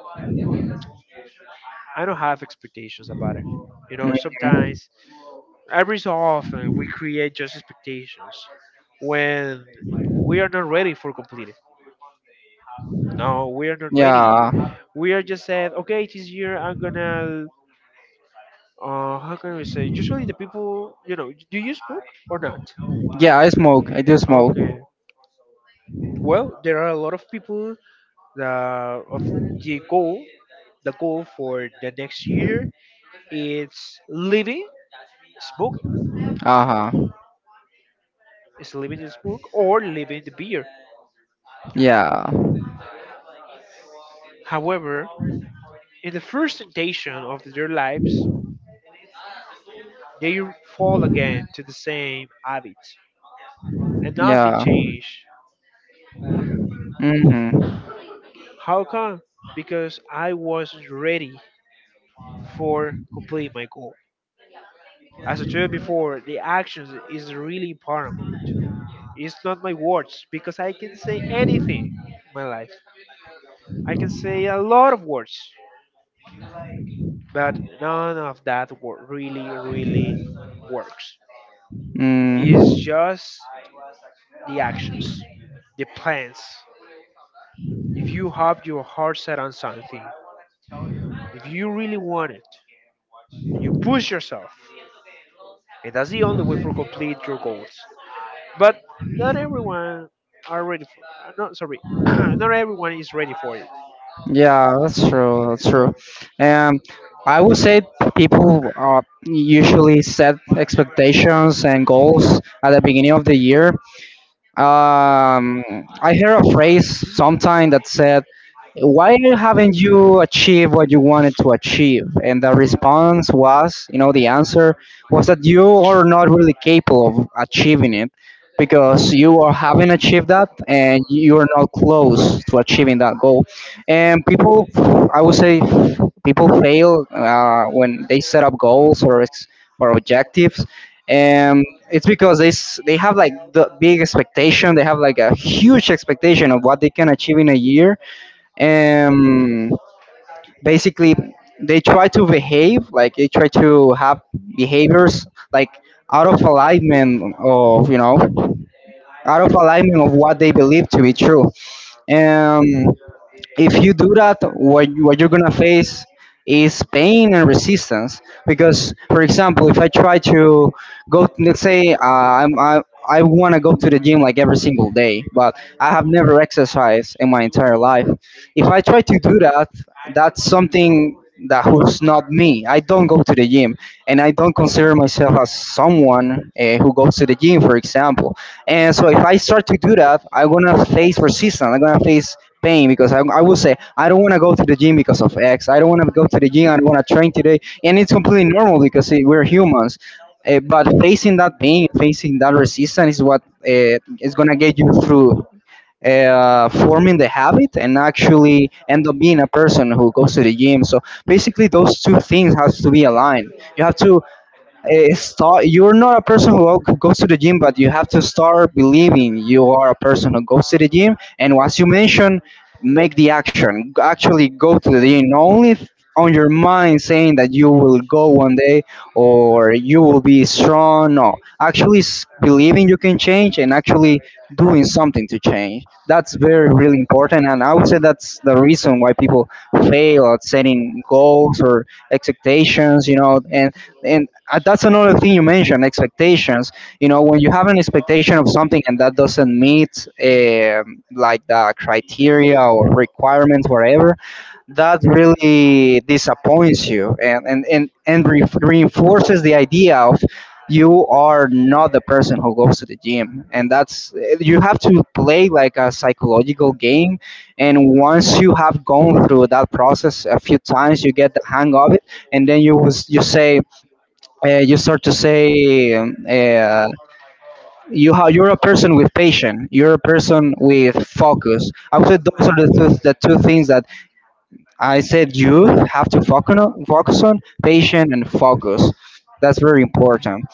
S1: I don't have expectations about it. You know,
S2: Mhm.
S1: sometimes every so often we create just expectations when we are not ready for complete it. No, we are not ready.
S2: Yeah.
S1: We are just said, okay, this year I'm gonna. How can we say? Usually the people, you know, do you smoke or not?
S2: Yeah, I smoke. I do smoke.
S1: Okay. Well, there are a lot of people that of the goal, the goal for the next year it's living smoke,
S2: Uh huh.
S1: is living in smoke or living the beer.
S2: Yeah.
S1: However, in the first temptation of their lives, they fall again to the same habits, and nothing
S2: Yeah.
S1: changed.
S2: Mm-hmm.
S1: How come? Because I wasn't ready for complete my goal. As I told before, the actions is really paramount. It's not my words because I can say anything in my life. I can say a lot of words, but none of that really, really works.
S2: Mm,
S1: It's just the actions, the plans. If you have your heart set on something, if you really want it, you push yourself. And that's the only way for complete your goals. But not everyone are ready for not sorry. not everyone is ready for it.
S2: yeah, that's true. That's true. And I would say people usually set expectations and goals at the beginning of the year. Um, I heard a phrase sometime that said, "Why haven't you achieved what you wanted to achieve?" And the response was, you know, the answer was that you are not really capable of achieving it because you are haven't achieved that and you are not close to achieving that goal. And people, I would say, people fail when they set up goals or or objectives. It's because they they have like the big expectation, they have like a huge expectation of what they can achieve in a year, and basically they try to behave like they try to have behaviors like out of alignment of you know out of alignment of what they believe to be true. If you do that, what what you're gonna face is pain and resistance. Because, for example, if I try to go, let's say, I want to go to the gym like every single day, but I have never exercised in my entire life. If I try to do that, that's something that who's not me. I don't go to the gym, and I don't consider myself as someone who goes to the gym, for example. And so if I start to do that, I'm gonna face resistance. I'm gonna face pain because I will say I don't want to go to the gym because of X. I don't want to go to the gym. I don't want to train today, and it's completely normal because eh, we're humans. Eh, but facing that pain, facing that resistance, is what is gonna get you through forming the habit and actually end up being a person who goes to the gym. So basically, those two things has to be aligned. You have to start you're not a person who goes to the gym, but you have to start believing you are a person who goes to the gym. And as you mentioned, make the action, actually go to the gym, not only on your mind saying that you will go one day, or you will be strong. No, actually believing you can change and actually doing something to change. That's very really important, and I would say that's the reason why people fail at setting goals or expectations, and and that's another thing you mentioned, expectations. You know, when you have an expectation of something and that doesn't meet like the criteria or requirements, whatever, that really disappoints you, and reinforces the idea of you are not the person who goes to the gym. And that's, you have to play like a psychological game. And once you have gone through that process a few times, you get the hang of it. And then, you say, you start to say, you're a person with patience, you're a person with focus. I would say those are the two things that I said you have to focus on: focus on patient and focus. That's very important.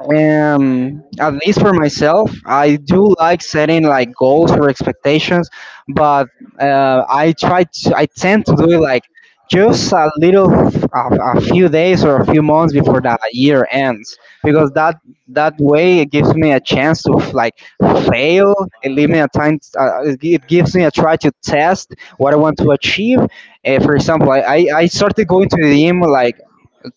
S2: At least for myself, I do like setting like goals or expectations, but I tend to do it like just a few days or a few months before the year ends, because that way it gives me a chance to like fail. It leaves me a time. It it gives me a try to test what I want to achieve. For example, I started going to the gym like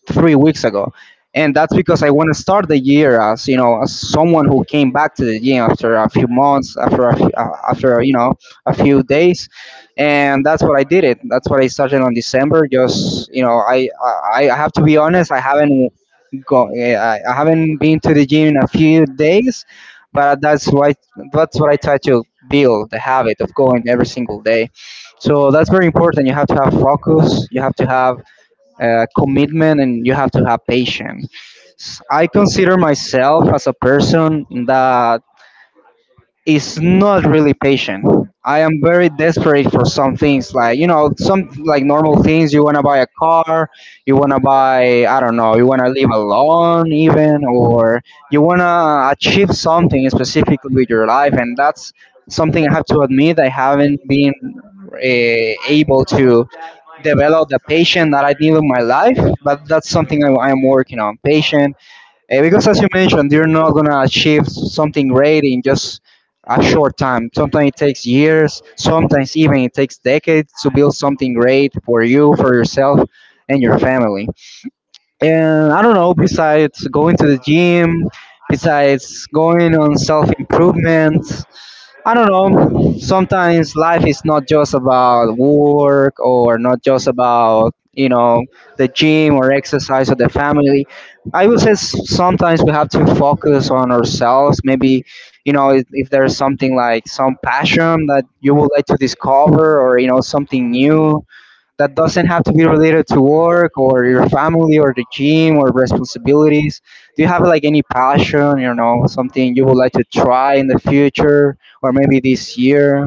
S2: 3 weeks ago, and that's because I want to start the year, as you know, as someone who came back to the gym after a few months, after after, you know, a few days. And that's what I did. It That's what I started on December. Just, you know, I have to be honest. I haven't I haven't been to the gym in a few days, but that's why, that's what I try to build the habit of going every single day. So that's very important. You have to have focus. You have to have commitment, and you have to have patience. I consider myself as a person that is not really patient. I am very desperate for some things, like, you know, some like normal things. You wanna buy a car, you wanna buy, I don't know, you wanna live alone even, or you wanna achieve something specifically with your life, and that's something I have to admit I haven't been able to develop the patient that I need in my life, but that's something I'm working on. Patient, because as you mentioned, you're not gonna achieve something great in just a short time. Sometimes it takes years, sometimes even it takes decades to build something great for you, for yourself, and your family. And I don't know, besides going to the gym, besides going on self improvement, I don't know. Sometimes life is not just about work or not just about, you know, the gym or exercise or the family. I would say sometimes we have to focus on ourselves. Maybe, you know, if there's something like some passion that you would like to discover or, you know, something new that doesn't have to be related to work or your family or the gym or responsibilities? Do you have like any passion, you know, something you would like to try in the future or maybe this year?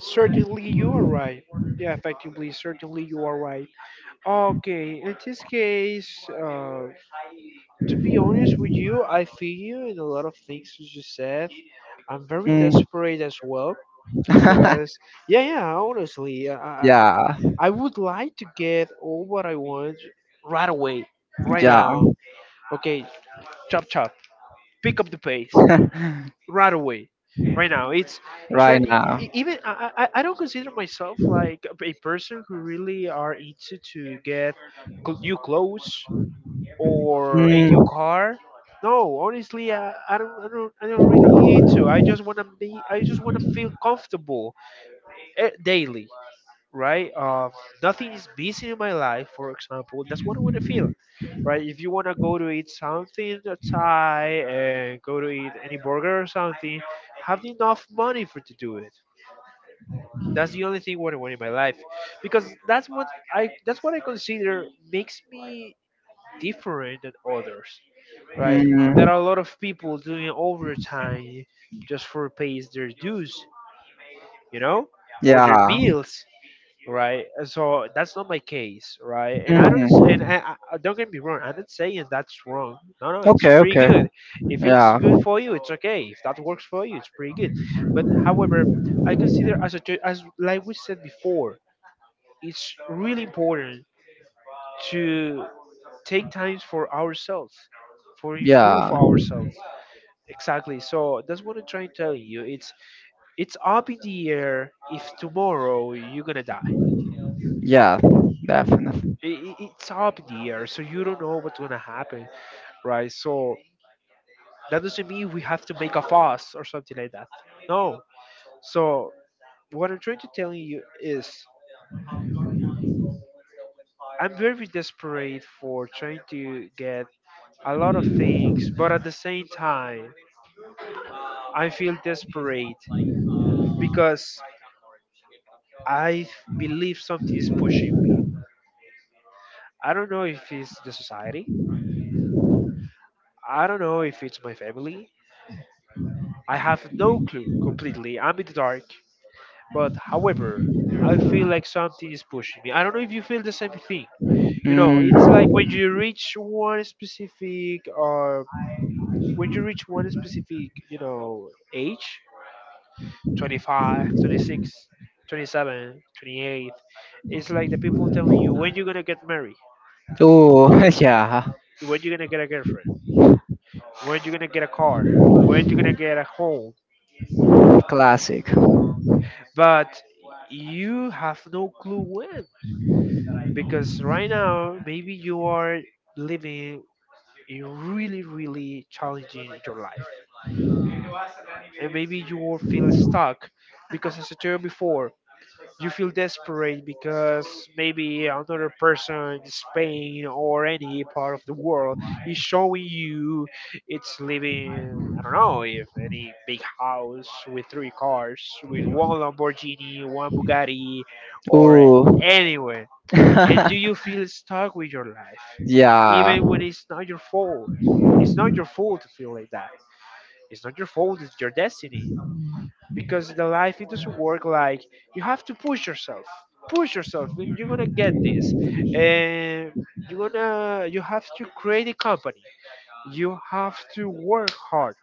S1: Certainly you are right. Yeah, effectively, certainly you are right. Okay, in this case, to be honest with you, I feel you in a lot of things you just said. I'm very
S2: Mm.
S1: desperate as well because yeah, yeah, honestly, I
S2: Yeah,
S1: I would like to get all what I want right away, right
S2: yeah,
S1: now. Okay, chop chop, pick up the pace right away, right now. It's try,
S2: right now.
S1: even I don't consider myself like a person who really are into to get new clothes or a new
S2: Mm.
S1: car. No, honestly, I don't really need to. I just wanna feel comfortable daily. Right? Nothing is busy in my life, for example. That's what I want to feel, right? If you want to go to eat something Thai and go to eat any burger or something, have enough money for to do it. That's the only thing what I want in my life, because that's what I consider makes me different than others, right?
S2: Mm,
S1: There are a lot of people doing overtime just for pays their dues, you know, or their
S2: yeah.
S1: bills, right? And so that's not my case, right? And
S2: Hmm.
S1: I don't get me wrong, I'm not saying that's wrong. No, no, it's
S2: Okay,
S1: pretty
S2: okay.
S1: good. If it's good for you, it's okay. If that works for you, it's pretty good. But however, I consider as as like we said before, it's really important to
S2: Yeah.
S1: take times for ourselves, for improve
S2: Yeah.
S1: ourselves. Exactly. So that's what I'm trying to tell you. It's up in the air if tomorrow you're gonna die.
S2: Yeah, definitely.
S1: i- it's up in the air, so you don't know what's gonna happen, right? So that doesn't mean we have to make a fuss or something like that. No. So what I'm trying to tell you is I'm very desperate for trying to get a lot of things, but at the same time, I feel desperate because I believe something is pushing me. I don't know if it's the society. I don't know if it's my family. I have no clue completely. I'm in the dark. But however, I feel like something is pushing me. I don't know if you feel the same thing. You know, it's like
S2: Mm.
S1: when you reach one specific, you know, age, 25, 26, 27, 28. It's like the people telling you when you're going to get married,
S2: Oh, yeah.
S1: when you're going to get a girlfriend, when you're going to get a car, when you're going to get a home.
S2: Classic.
S1: But you have no clue when because right now maybe you are living it really, really challenging your life. And maybe you will feel stuck because, as I told you before, you feel desperate because maybe another person in Spain or any part of the world is showing you it's living, I don't know, if any big house with 3 cars, with one Lamborghini, one Bugatti, or
S2: Oh.
S1: anywhere. And do you feel stuck with your life?
S2: yeah.
S1: Even when it's not your fault, it's not your fault to feel like that. It's not your fault, it's your destiny. Because the life, it doesn't work like you have to push yourself. Push yourself, and you're gonna get this. And you have to create a company. You have to work hard.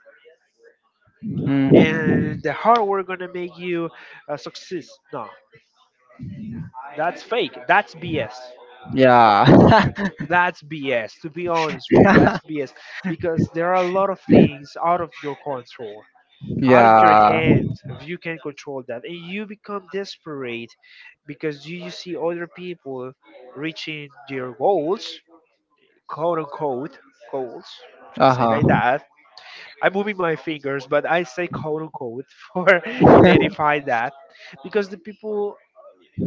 S1: And
S2: Mhm.
S1: the hard work gonna make you a success. No, that's fake. That's BS.
S2: Yeah.
S1: That's BS. To be honest with you, that's BS because there are a lot of things out of your control. Out of your
S2: yeah.
S1: hands. If you can control that, and you become desperate because you see other people reaching their goals, quote unquote, goals. I say
S2: Uh-huh.
S1: like that. I'm moving my fingers, but I say quote unquote for identify that. because the people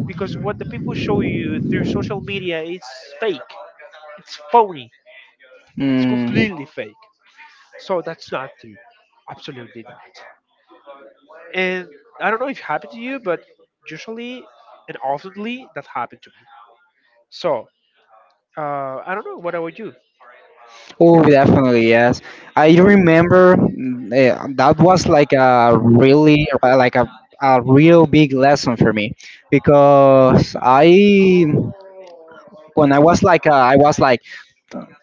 S1: because what the people show you through social media, it's fake, it's phony, it's
S2: mm.
S1: completely fake. So that's not true, absolutely not. And I don't know if it happened to you, but usually and oftenly that happened to me. So uh, I don't know what I would do.
S2: Oh, definitely, yes. I remember that was like a really a real big lesson for me because I when I was like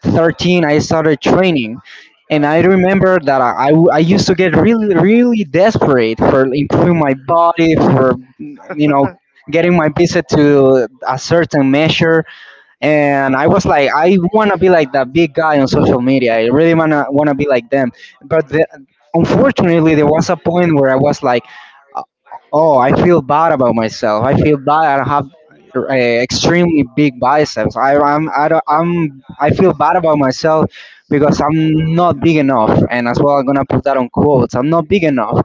S2: 13, I started training. And I remember that I used to get really, really desperate for improving my body, for, you know, getting my visit to a certain measure. And I was like, I want to be like that big guy on social media. I really wanna be like them. But unfortunately, there was a point where I was like, uh, oh, I feel bad about myself. I feel bad. I have extremely big biceps. I, I'm I don't, I'm I feel bad about myself because I'm not big enough. And as well, I'm gonna put that on quotes. I'm not big enough,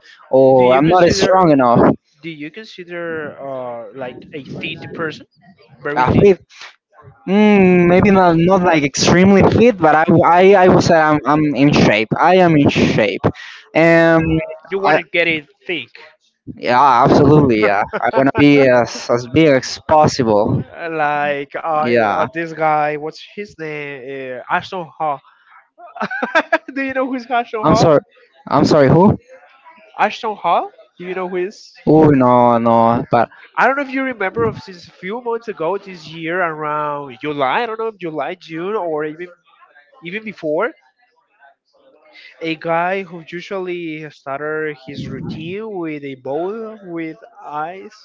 S1: do
S2: or
S1: you
S2: I'm not
S1: consider
S2: strong enough.
S1: do you consider like a thin person, very
S2: I
S1: thin?
S2: feel, mm, maybe not like extremely fit, but I would say I'm in shape. I am in shape. And
S1: You want
S2: I,
S1: to get it thick,
S2: yeah, absolutely, yeah. I wanna be as big as possible.
S1: like
S2: Yeah,
S1: this guy. What's his name? Ashton Hall. Do you know who's Ashton
S2: I'm
S1: Hall?
S2: sorry. I'm sorry. Who?
S1: Ashton Hall. Do you know who is?
S2: Oh, no, no. But
S1: I don't know if you remember of since a few months ago this year around July. I don't know if July, June, or even before. A guy who usually started his routine with a bowl with ice.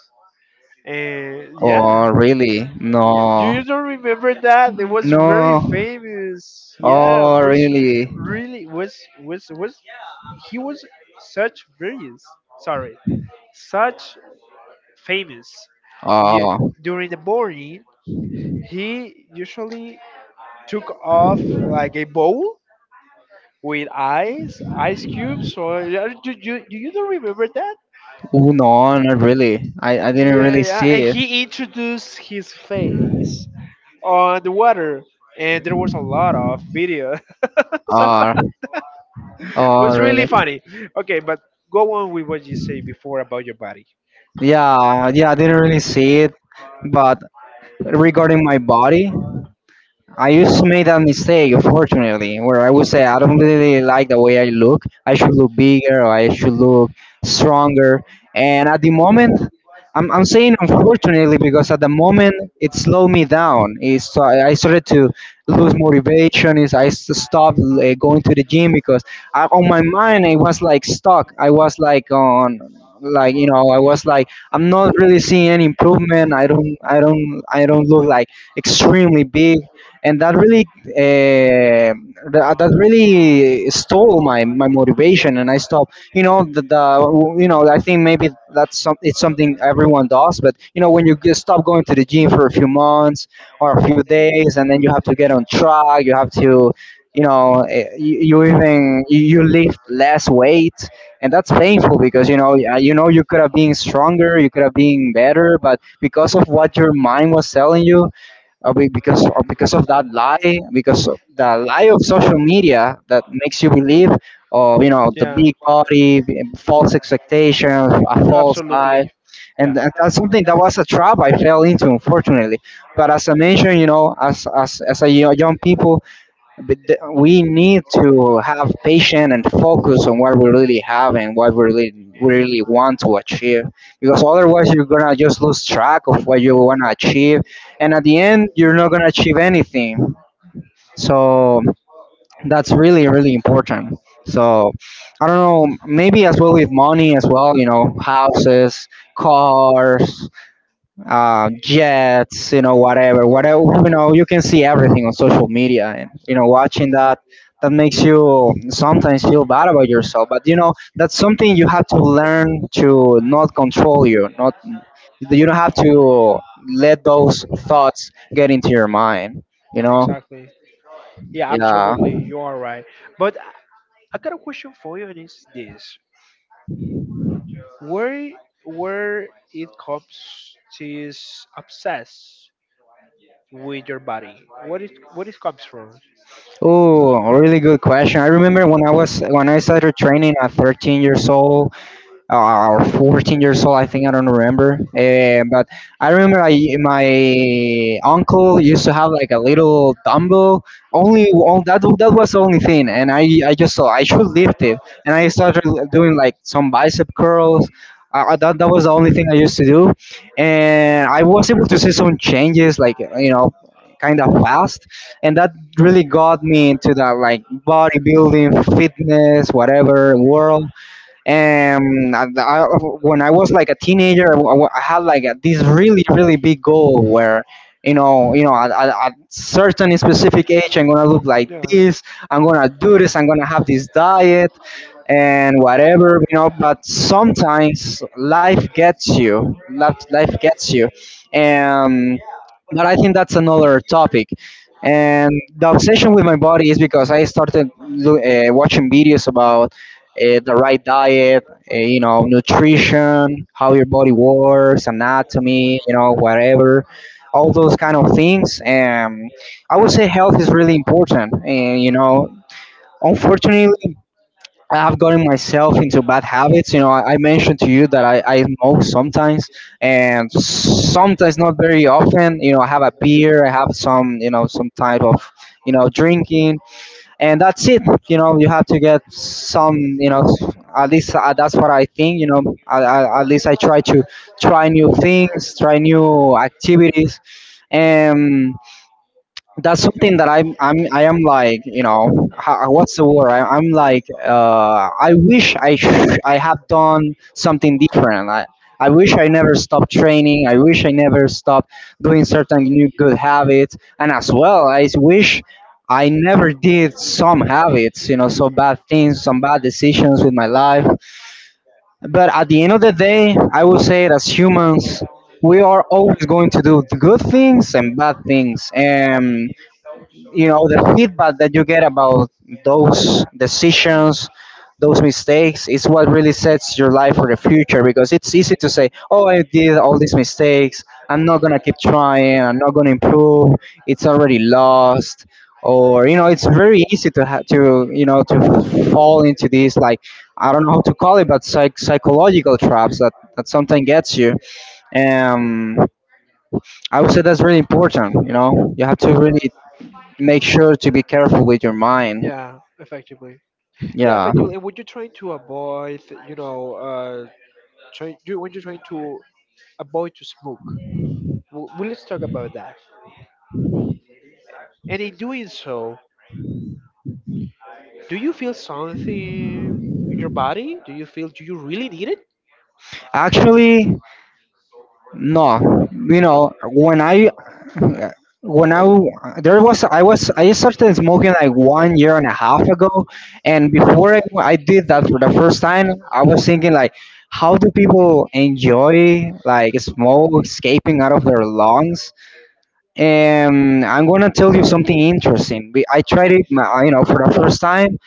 S1: And yeah,
S2: oh really,
S1: yeah, you
S2: no,
S1: you don't remember that? It was very
S2: no.
S1: famous. Yeah,
S2: Oh
S1: was
S2: really.
S1: really. Was He was such brilliance. Sorry, such famous. You,
S2: Oh,
S1: during the morning, he usually took off like a bowl with ice cubes. Or yeah, do you don't remember that?
S2: oh no, not really. I didn't
S1: Yeah,
S2: really
S1: yeah.
S2: see
S1: And
S2: it.
S1: he introduced his face on the water, and there was a lot of video. So,
S2: Oh,
S1: it
S2: oh
S1: was really
S2: really.
S1: funny. Okay, but go on with what you say before about your body.
S2: Yeah, yeah, I didn't really see it. But regarding my body, I used to make that mistake, unfortunately, where I would say I don't really like the way I look. I should look bigger, or I should look stronger. And at the moment, I'm saying unfortunately because at the moment it slowed me down. I started to lose motivation. Is Stopped going to the gym because I, on my mind, I was like stuck. I was like on, like, you know, I was like I'm not really seeing any improvement. I don't look like extremely big, and that really uh, that really stole my motivation. And I stopped, you know, the you know, I think maybe that's some, it's something everyone does. But you know, when you just stop going to the gym for a few months or a few days, and then you have to get on track, you have to, you know, you even, you lift less weight. And that's painful because, you know, yeah, you know, you could have been stronger, you could have been better, but because of what your mind was telling you, because, or because of that lie, because of the lie of social media that makes you believe, oh, you know, the
S1: Yeah,
S2: big body, false expectations, a false lie,
S1: absolutely.
S2: and
S1: Yeah.
S2: that's something that was a trap I fell into, unfortunately. But as I mentioned, you know, as a young people, but we need to have patience and focus on what we really have and what we really want to achieve, because otherwise you're gonna just lose track of what you want to achieve, and at the end you're not gonna achieve anything. So that's really really important. So I don't know, maybe as well with money, as well, you know, houses, cars, jets, you know, whatever, whatever, you know, you can see everything on social media, and you know, watching that, that makes you sometimes feel bad about yourself. But you know, that's something you have to learn to not control you, not, you don't have to let those thoughts get into your mind. You know,
S1: Exactly. Yeah,
S2: yeah.
S1: absolutely. You are right. But I got a question for you, and it's this: where where it comes to is obsessed with your body? What it comes from?
S2: Oh, really good question. I remember when I was, when I started training at 13 years old, or 14 years old, I think, I don't remember. Eh, but I remember my uncle used to have like a little dumbbell, only all that, that was the only thing. And I just thought I should lift it, and I started doing like some bicep curls. That was the only thing I used to do, and I was able to see some changes, like, you know, kind of fast. And that really got me into that like bodybuilding fitness whatever world. And when I was like a teenager, I had like a, this really really big goal where, you know, you know, at, at certain specific age I'm gonna look like
S1: Yeah.
S2: this, I'm gonna do this, I'm gonna have this diet and whatever, you know. But sometimes life gets you, life gets you, and but I think that's another topic. And the obsession with my body is because I started watching videos about the right diet, you know, nutrition, how your body works, anatomy, you know, whatever, all those kind of things. I would say health is really important, and you know, unfortunately, I have gotten myself into bad habits. You know, I mentioned to you that I smoke sometimes, and sometimes not very often. I have a beer, I have some, some type of, drinking, and that's it. You have to get some, at least. That's what I think. I at least I try to try new things, try new activities. And that's something that I am, like, what's the word, I'm like, I wish I have done something different. I wish I never stopped training. I wish I never stopped doing certain new good habits. And as well, I wish I never did some habits, so bad things, some bad decisions with my life. But at the end of the day, I will say, it as humans we are always going to do the good things and bad things. And the feedback that you get about those decisions, those mistakes, is what really sets your life for the future, because it's easy to say, oh, I did all these mistakes, I'm not going to keep trying, I'm not going to improve. It's already lost. Or, it's very easy to to fall into these, like, I don't know how to call it, but psychological traps that sometimes gets you um I would say that's really important. You have to really make sure to be careful with your mind.
S1: Yeah, effectively. Yeah,
S2: Yeah.
S1: effectively. And when you're trying to avoid, you know, uh, trying you when you're trying to avoid to smoke, well, let's talk about that. And in doing so, do you feel something in your body? Do you really need it?
S2: Actually, no. When I there was I started smoking like 1 year and a half ago, and before I did that for the first time, I was thinking like, how do people enjoy like smoke escaping out of their lungs? And I'm gonna tell you something interesting. I tried it, for the first time,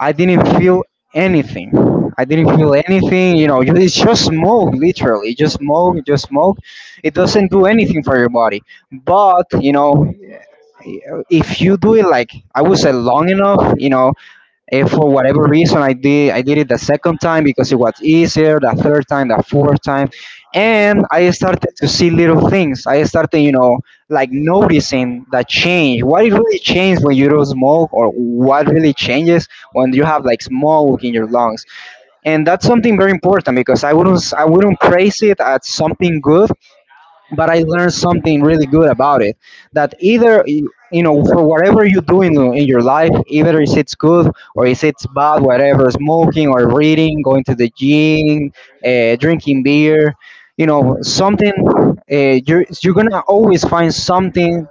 S2: I didn't feel anything. I didn't feel anything. It's just smoke, literally. Just smoke, just smoke. It doesn't do anything for your body. But, if you do it, like I would say, long enough, and for whatever reason, I did it the second time because it was easier. The third time, the fourth time, and I started to see little things. I started, like, noticing the change. What it really changes when you don't smoke, or what really changes when you have like smoke in your lungs. And that's something very important because I wouldn't praise it as something good, but I learned something really good about it. That either you you know for whatever you do in your life, either is it's good or is it's bad, whatever, smoking or reading, going to the gym, drinking beer, something, you're gonna always find something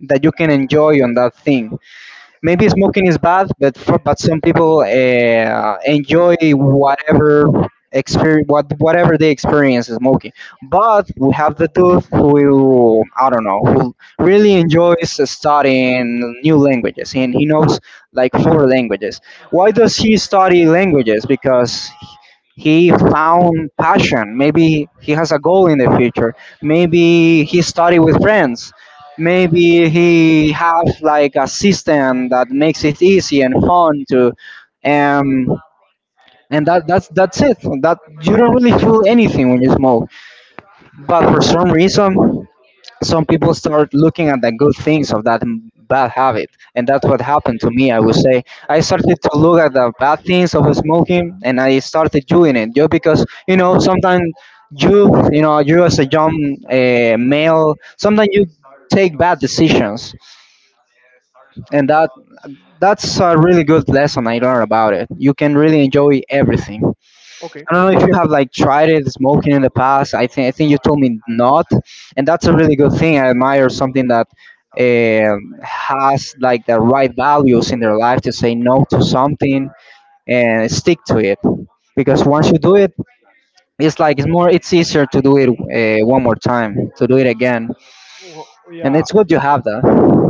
S2: that you can enjoy on that thing. Maybe smoking is bad, but for, but some people enjoy whatever experience, whatever they experience is smoking. But we have the youth who, I don't know, who really enjoys studying new languages, and he knows like four languages. Why does he study languages? Because he found passion. Maybe he has a goal in the future. Maybe he studied with friends. Maybe he have like a system that makes it easy and fun to, um, and that's it. That you don't really feel anything when you smoke. But for some reason, some people start looking at the good things of that bad habit, and that's what happened to me. I would say I started to look at the bad things of smoking, and I started doing it just because, sometimes you, as a young male, sometimes you take bad decisions, and that's a really good lesson I learned about it. You can really enjoy everything.
S1: Okay.
S2: I don't know if you have like tried it smoking in the past. I think you told me not, and that's a really good thing. I admire something that has like the right values in their life to say no to something and stick to it. Because once you do it, it's like it's more it's easier to do it, one more time, to do it again,
S1: Well,
S2: and
S1: yeah,
S2: it's good you have that.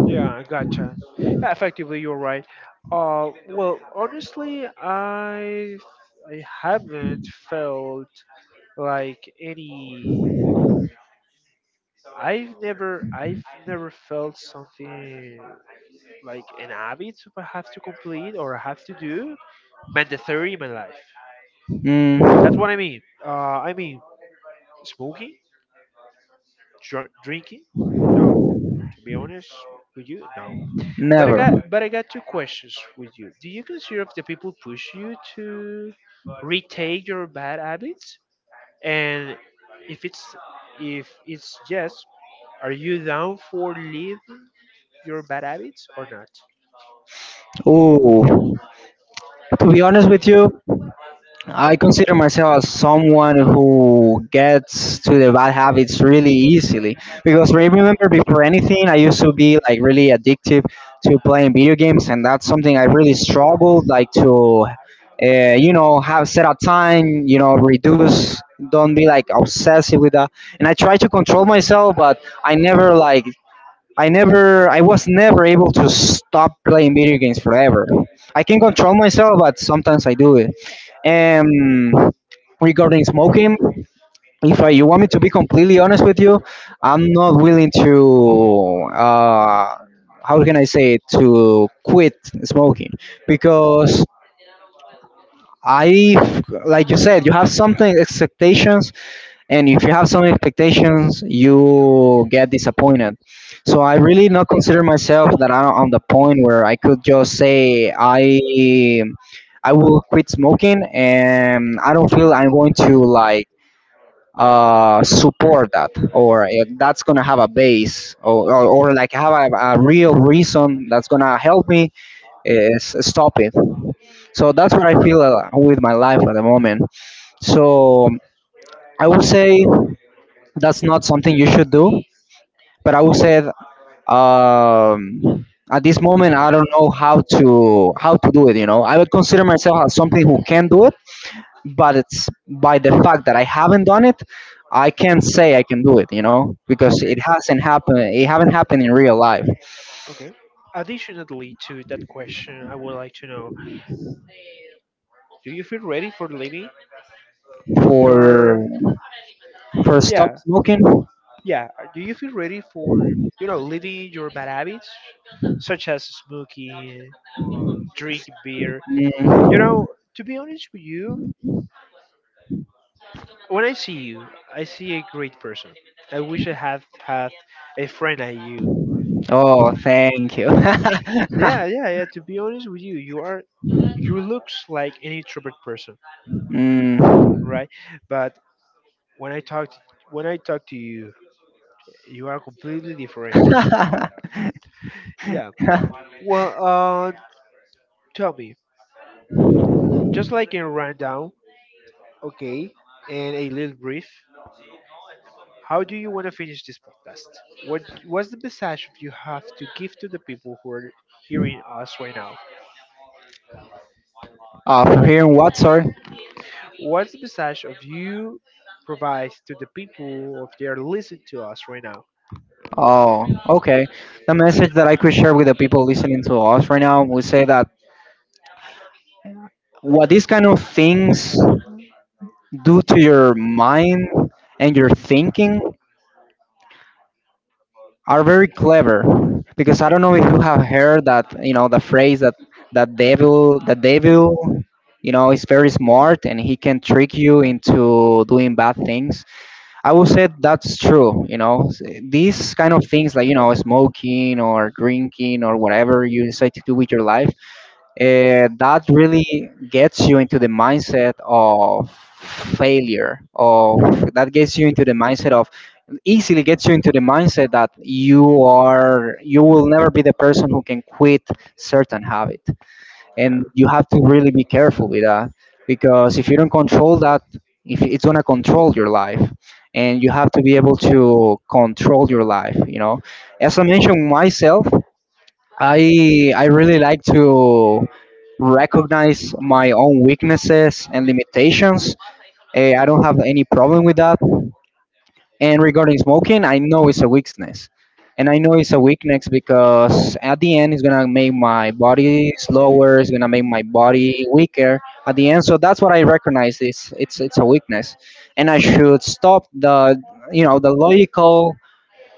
S1: yeah, I gotcha. Yeah, effectively, you're right. Well, honestly, I haven't felt like any. I've never felt something like an habit I have to complete or I have to do mandatory in my life. That's
S2: Mm,
S1: what I mean. I mean smoking, drinking. No, to be honest with you, no. But I
S2: never.
S1: got but I got two questions with you. Do you consider if the people push you to retake your bad habits? And if it's if it's yes, are you down for leaving your bad habits or not?
S2: Ooh. To be honest with you, I consider myself as someone who gets to the bad habits really easily. Because remember, before anything, I used to be like really addictive to playing video games, and that's something I really struggled, like, to, have set a time, reduce, don't be like obsessive with that. And I try to control myself, but I never like I never, I was never able to stop playing video games forever. I can control myself, but sometimes I do it. And regarding smoking, if I, you want me to be completely honest with you, I'm not willing to, how can I say it, to quit smoking, because I, like you said, you have something, expectations. And if you have some expectations, you get disappointed. So I really not consider myself that I'm on the point where I could just say, I will quit smoking, and I don't feel I'm going to, like, support that, or if that's gonna have a base, or like have a, real reason that's gonna help me is stop it. So that's what I feel, with my life at the moment. So I would say that's not something you should do. But I would say, um, at this moment I don't know how to do it. I would consider myself as something who can do it, but it's by the fact that I haven't done it, I can't say I can do it. Because it
S1: Okay.
S2: hasn't happened. It haven't happened in real life.
S1: Okay. Additionally to that question, I would like to know: Do you feel ready for living
S2: For
S1: your?
S2: for, stop
S1: Yeah,
S2: smoking.
S1: yeah. Do you feel ready for living your bad habits, such as smoking, drinking beer? You
S2: mm,
S1: know, to be honest with you, when I see you, I see a great person. I wish I had had a friend like you.
S2: oh, thank you.
S1: Yeah, yeah, yeah. To be honest with you, you are you looks like an introvert person,
S2: Mm.
S1: right? But when I talk to, when I talk to you, you are completely different. Yeah. Well, tell me, just like in rundown, okay, and a little brief. How do you want to finish this podcast? What's the message you have to give to the people who are hearing us right now?
S2: For hearing what? Sorry.
S1: What's the message of you provides to the people of they are listening to us right now?
S2: Oh, okay. The message that I could share with the people listening to us right now would say that what these kind of things do to your mind and your thinking are very clever. Because I don't know if you have heard that, the phrase that, the devil, is very smart, and he can trick you into doing bad things. I would say that's true. These kind of things, like, smoking or drinking or whatever you decide to do with your life, that really gets you into the mindset of failure, of that gets you into the mindset of, easily gets you into the mindset that you will never be the person who can quit certain habit,
S1: Yeah.
S2: and you have to really be careful with that. Because if you don't control that, if it's going to control your life, and you have to be able to control your life. As I mentioned myself, I really like to recognize my own weaknesses and limitations. I don't have any problem with that. And regarding smoking, I know it's a weakness, and I know it's a weakness because, at the end, it's gonna make my body slower. It's gonna make my body weaker at the end. So that's what I recognize. It's a weakness, and I should stop. The the logical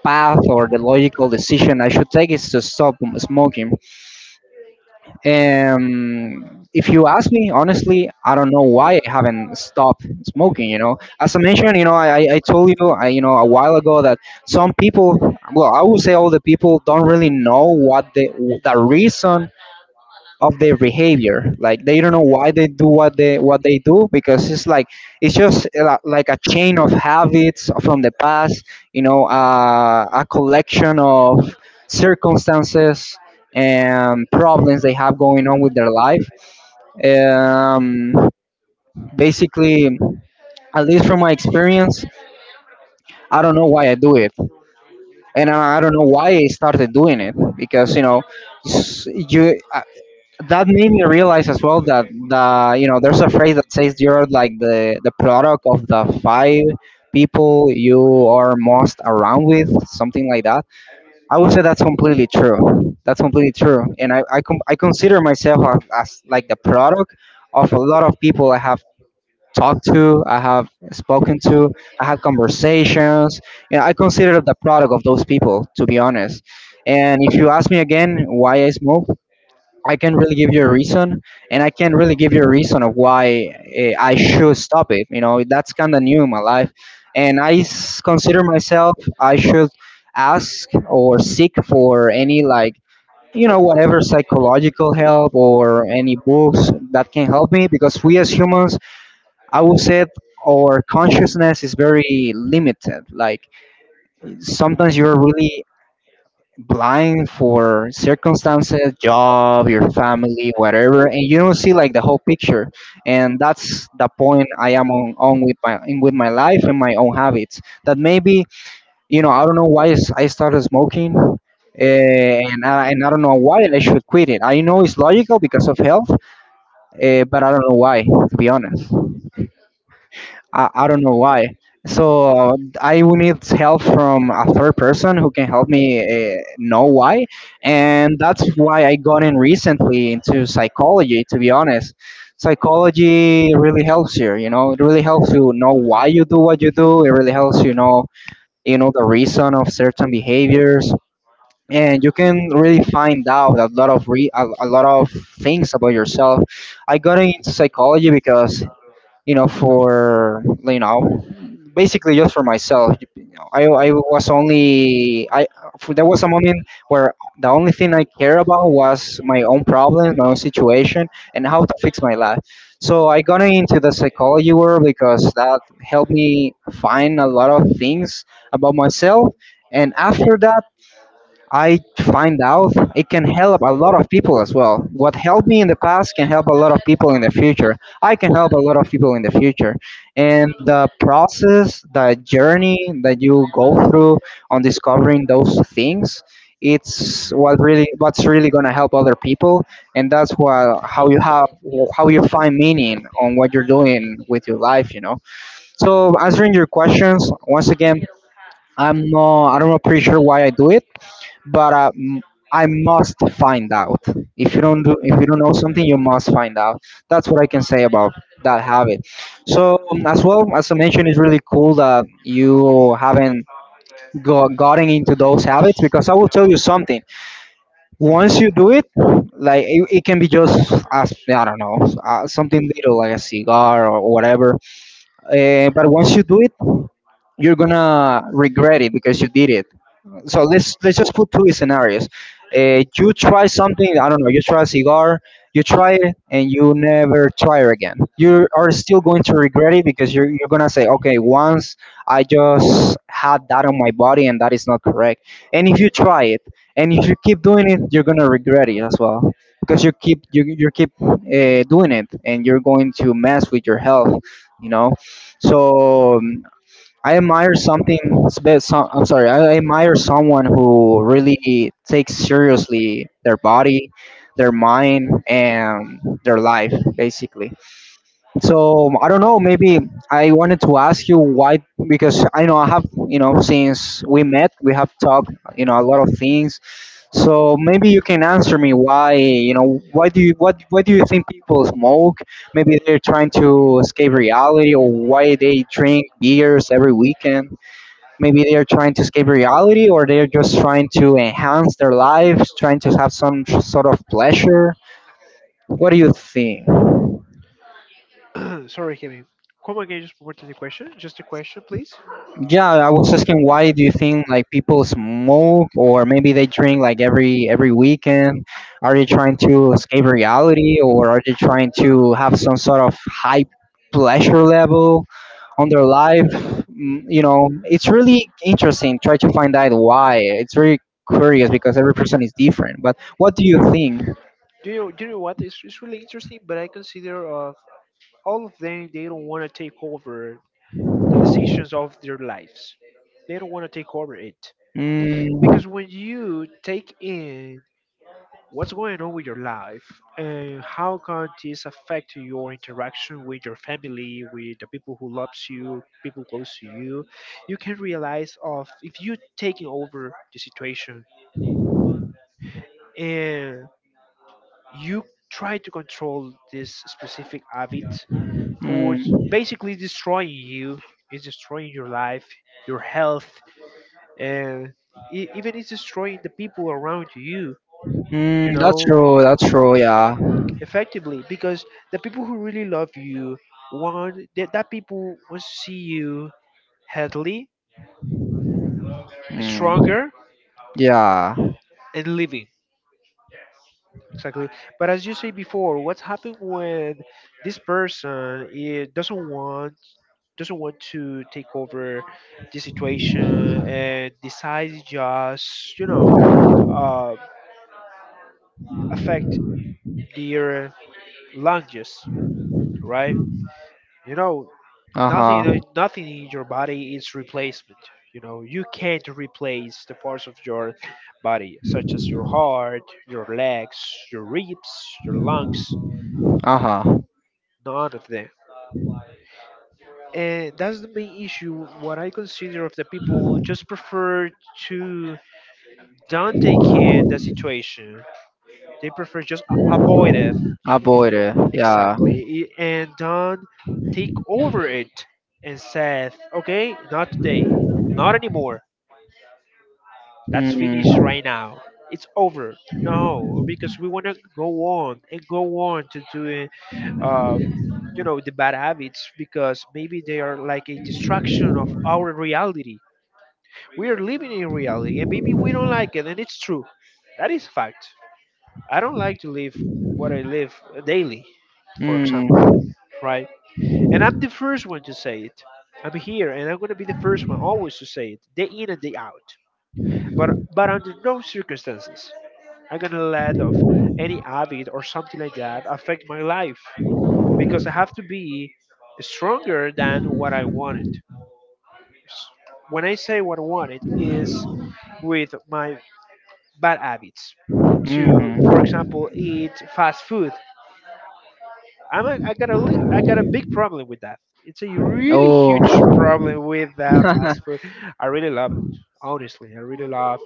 S2: path, or the logical decision I should take, is to stop smoking. If you ask me, honestly, I don't know why I haven't stopped smoking. As I mentioned, I told you, a while ago that some people, well, I would say all the people don't really know what the reason of their behavior, like, they don't know why they do what they do, because it's like, it's just like a chain of habits from the past. A collection of circumstances and problems they have going on with their life. um, basically, at least from my experience, I don't know why I do it. And I don't know why I started doing it, because, you know s- you that made me realize as well that, there's a phrase that says you're like the product of the five people you are most around with, something like that. I would say that's completely true, that's completely true. And I consider myself as, like the product of a lot of people I have talked to, I have spoken to, I had conversations. I consider the product of those people, to be honest. And if you ask me again why I smoke, I can't really give you a reason, and I can't really give you a reason of why, I should stop it. That's kind of new in my life, and consider myself I should ask or seek for any, like, whatever psychological help, or any books that can help me. Because we as humans, I would say, our consciousness is very limited. Like, sometimes you're really blind for circumstances, job, your family, whatever, and you don't see, like, the whole picture. And that's the point I am on with my in with my life and my own habits. That maybe, I don't know I started smoking. And I don't know why I should quit it. I know it's logical because of health, but I don't know why, to be honest. I don't know why. So I will need help from a third person who can help me, know why, and that's why I got in recently into psychology. To be honest, psychology really helps you. It really helps you know why you do what you do. It really helps you know the reason of certain behaviors, and you can really find out a lot of things about yourself. I got into psychology because you know, for you know, basically just for myself. You know, I was only I for, There was a moment where the only thing I care about was my own problems, my own situation, and how to fix my life. So I got into the psychology world because that helped me find a lot of things about myself. And after that, I find out it can help a lot of people as well. What helped me in the past can help a lot of people in the future. I can help a lot of people in the future. And the process, the journey that you go through on discovering those things, it's what's really going to help other people, and that's what how you have how you find meaning on what you're doing with your life. So answering your questions once again, I don't know pretty sure why I do it, but I must find out. If you don't know something, you must find out. That's what I can say about that habit. So as well as I mentioned, it's really cool that you haven't gotten into those habits because I will tell you something. Once you do it, like it can be just, as I don't know, something little like a cigar or whatever. But once you do it, you're gonna regret it because you did it, so let's just put two scenarios. You try something, I don't know. You try a cigar. You try it and you never try it again. You are still going to regret it because you're gonna say, okay, once I just had that on my body and that is not correct. And if you try it and if you keep doing it, you're gonna regret it as well because you keep doing it and you're going to mess with your health. You know, so I admire something. I'm sorry. I admire someone who really takes seriously their body, their mind, and their life, basically. So I don't know. Maybe I wanted to ask you why, because I know I have, since we met, we have talked, a lot of things. So maybe you can answer me why, why do you what why do you think people smoke? Maybe they're trying to escape reality, or why they drink beers every weekend. Maybe they're trying to escape reality, or they're just trying to enhance their lives, trying to have some sort of pleasure. What do you think?
S1: Something. Sorry, Kevin. Come again, just for the question. Just a question, please.
S2: Yeah, I was asking, why do you think like people smoke, or maybe they drink like every weekend? Are they trying to escape reality, or are they trying to have some sort of high pleasure level on their life? Mm. It's really interesting. Try to find out why. It's very curious because every person is different. But what do you think?
S1: Do you know what? It's really interesting, but I consider all of them they don't want to take over the decisions of their lives. They don't want to take over it
S2: Mm,
S1: because when you take in what's going on with your life, and how can this affect your interaction with your family, with the people who loves you, people close to you? You can realize of if you taking over the situation and you try to control this specific habit, who's
S2: mm,
S1: basically destroying you, is destroying your life, your health, and even it's destroying the people around you. You
S2: mm, that's
S1: know,
S2: true. That's true. Yeah.
S1: effectively because the people who really love you want that people wants to see you healthy,
S2: Mm.
S1: stronger,
S2: Yeah.
S1: and living, exactly. But as you say before, what's happened when this person it doesn't want to take over the situation and decides just, uh, affect their lunges, right? You know,
S2: Uh
S1: nothing. You
S2: huh.
S1: know, nothing in your body is replacement. You know, you can't replace the parts of your body, such as your heart, your legs, your ribs, your lungs.
S2: Uh huh.
S1: None of them. And that's the main issue. What I consider of the people, just prefer to don't take in the situation. They prefer just avoid it,
S2: Avoid it. Yeah.
S1: exactly, and don't take over it and said, okay, not today, not anymore. That's finished
S2: Mm.
S1: right now. It's over. No, because we want to go on and go on to doing, uh, the bad habits because maybe they are like a distraction of our reality. We are living in reality and maybe we don't like it, and it's true. That is fact. I don't like to live what I live daily, for
S2: Mm.
S1: example, right? And I'm the first one to say it. I'm here, and I'm gonna be the first one always to say it, day in and day out. But under no circumstances I'm gonna let of any habit or something like that affect my life because I have to be stronger than what I wanted. When I say what I wanted is with my bad habits. To, for
S2: Mm.
S1: example, eat fast food. I got a big problem with that. It's a really
S2: Oh.
S1: huge problem with fast food. I really love it. Honestly, I really love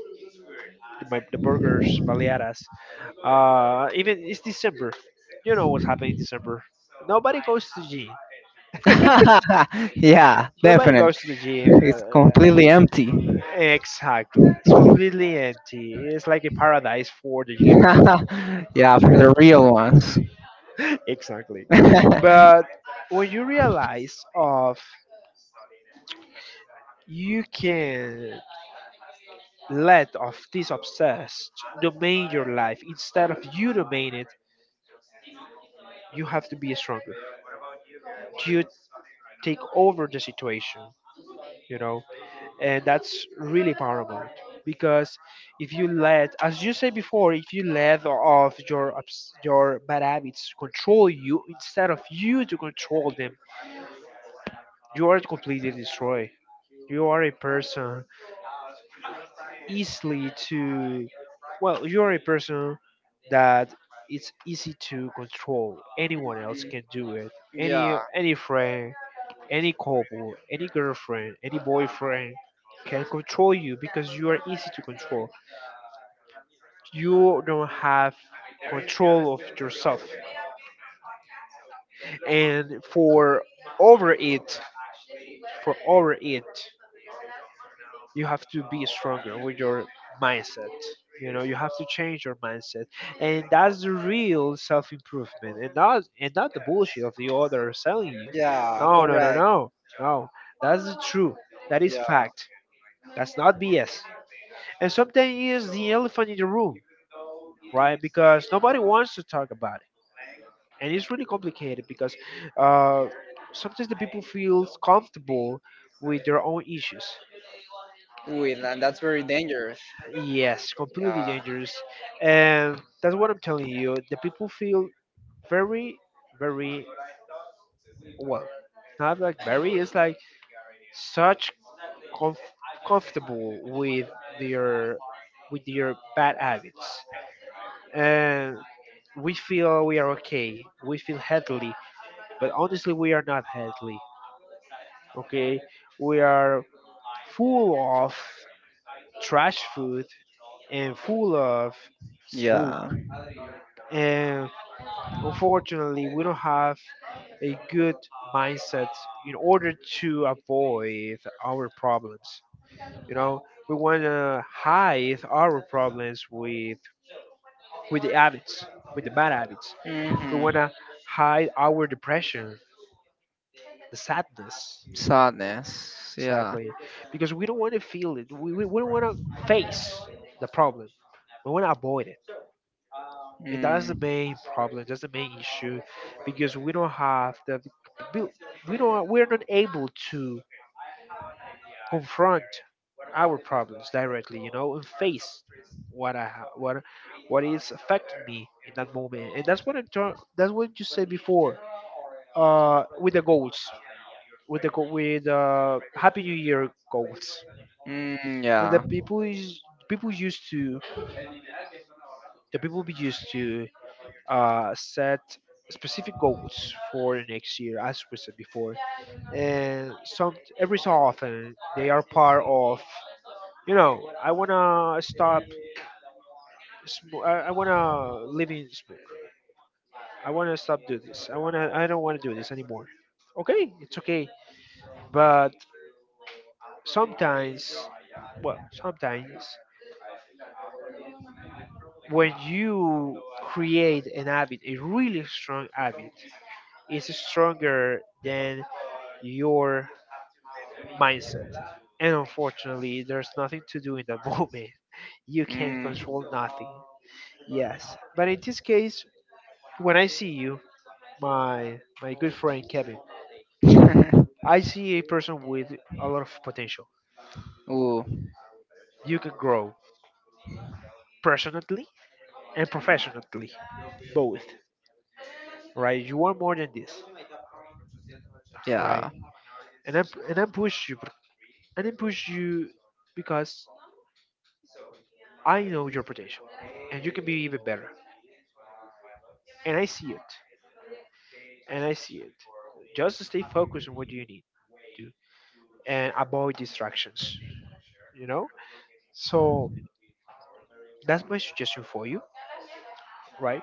S1: the burgers, baleadas. Even it's December. You know what's happening in December. Nobody goes to the gym.
S2: Yeah,
S1: Nobody
S2: definitely.
S1: goes to the gym.
S2: It's completely empty.
S1: Exactly. It's completely empty. It's like a paradise for the gym rat.
S2: Yeah, for the real ones.
S1: Exactly. But when you realize of you can let of this obsessed domain your life instead of you domain it, you have to be stronger. You take over the situation, you know. And that's really paramount because if you let as you said before, if you let off your your bad habits control you instead of you to control them, you are completely destroyed. You are a person easily to. Well, you are a person that it's easy to control. Anyone else can do it,
S2: Yeah.
S1: any friend, any couple, any girlfriend, any boyfriend can control you because you are easy to control. You don't have control of yourself. And over it for over it you have to be stronger with your mindset. You know, you have to change your mindset. And that's the real self-improvement, and not the bullshit of the other selling you.
S2: Yeah.
S1: No, no, no,
S2: Correct.
S1: no, no. That's the truth. That is
S2: Yeah.
S1: fact. That's not BS. And sometimes is the elephant in the room, right? Because nobody wants to talk about. And it's really complicated because uh, sometimes the people feel comfortable with their own issues.
S2: Ooh, and that's very dangerous.
S1: Yes, completely dangerous. And that's what I'm telling you. The people feel very, very, well, not like very, it's like such comf- comfortable with their their bad habits. And we feel we are okay, we feel healthy, but honestly we are not healthy. Okay, we are full of trash food and full of smoke.
S2: Yeah. Yeah.
S1: And unfortunately we don't have a good mindset in order to avoid our problems. You know, we want to hide our problems with the habits with the bad habits. We
S2: Hmm.
S1: want to hide our depression, the sadness.
S2: Sadness. Yeah.
S1: Exactly. Because we don't want to feel it. We don't want to face the problem. We want to avoid it. And that's the
S2: Mm.
S1: main problem. That's the main issue. Because we don't have the, we we don't, we're not able to confront our problems directly, you know, and face what what is affecting me in that moment. And that's what you said before. With the goals, with the go- with Happy New Year goals.
S2: Mm,
S1: The
S2: yeah.
S1: people is, people used to the people be used to set specific goals for the next year as we said before. And some every so often they are part of, you know, I want to stop I want to live in smoke. I want to stop do this I don't want to do this anymore. Okay, it's okay, but sometimes, well, sometimes when you create an habit, a really strong habit, it's stronger than your mindset. And unfortunately, there's nothing to do in the moment. You can't
S2: Mm.
S1: control nothing. Yes, but in this case, when I see you, my good friend Kevin, I see a person with a lot of potential.
S2: Ooh,
S1: You can grow personally and professionally, both. Right? You want more than this, right?
S2: yeah.
S1: And I push you and then push you because I know your potential and you can be even better. And I see it. And I see it. Just stay focused on what you need to and avoid distractions, you know? So that's my suggestion for you, right?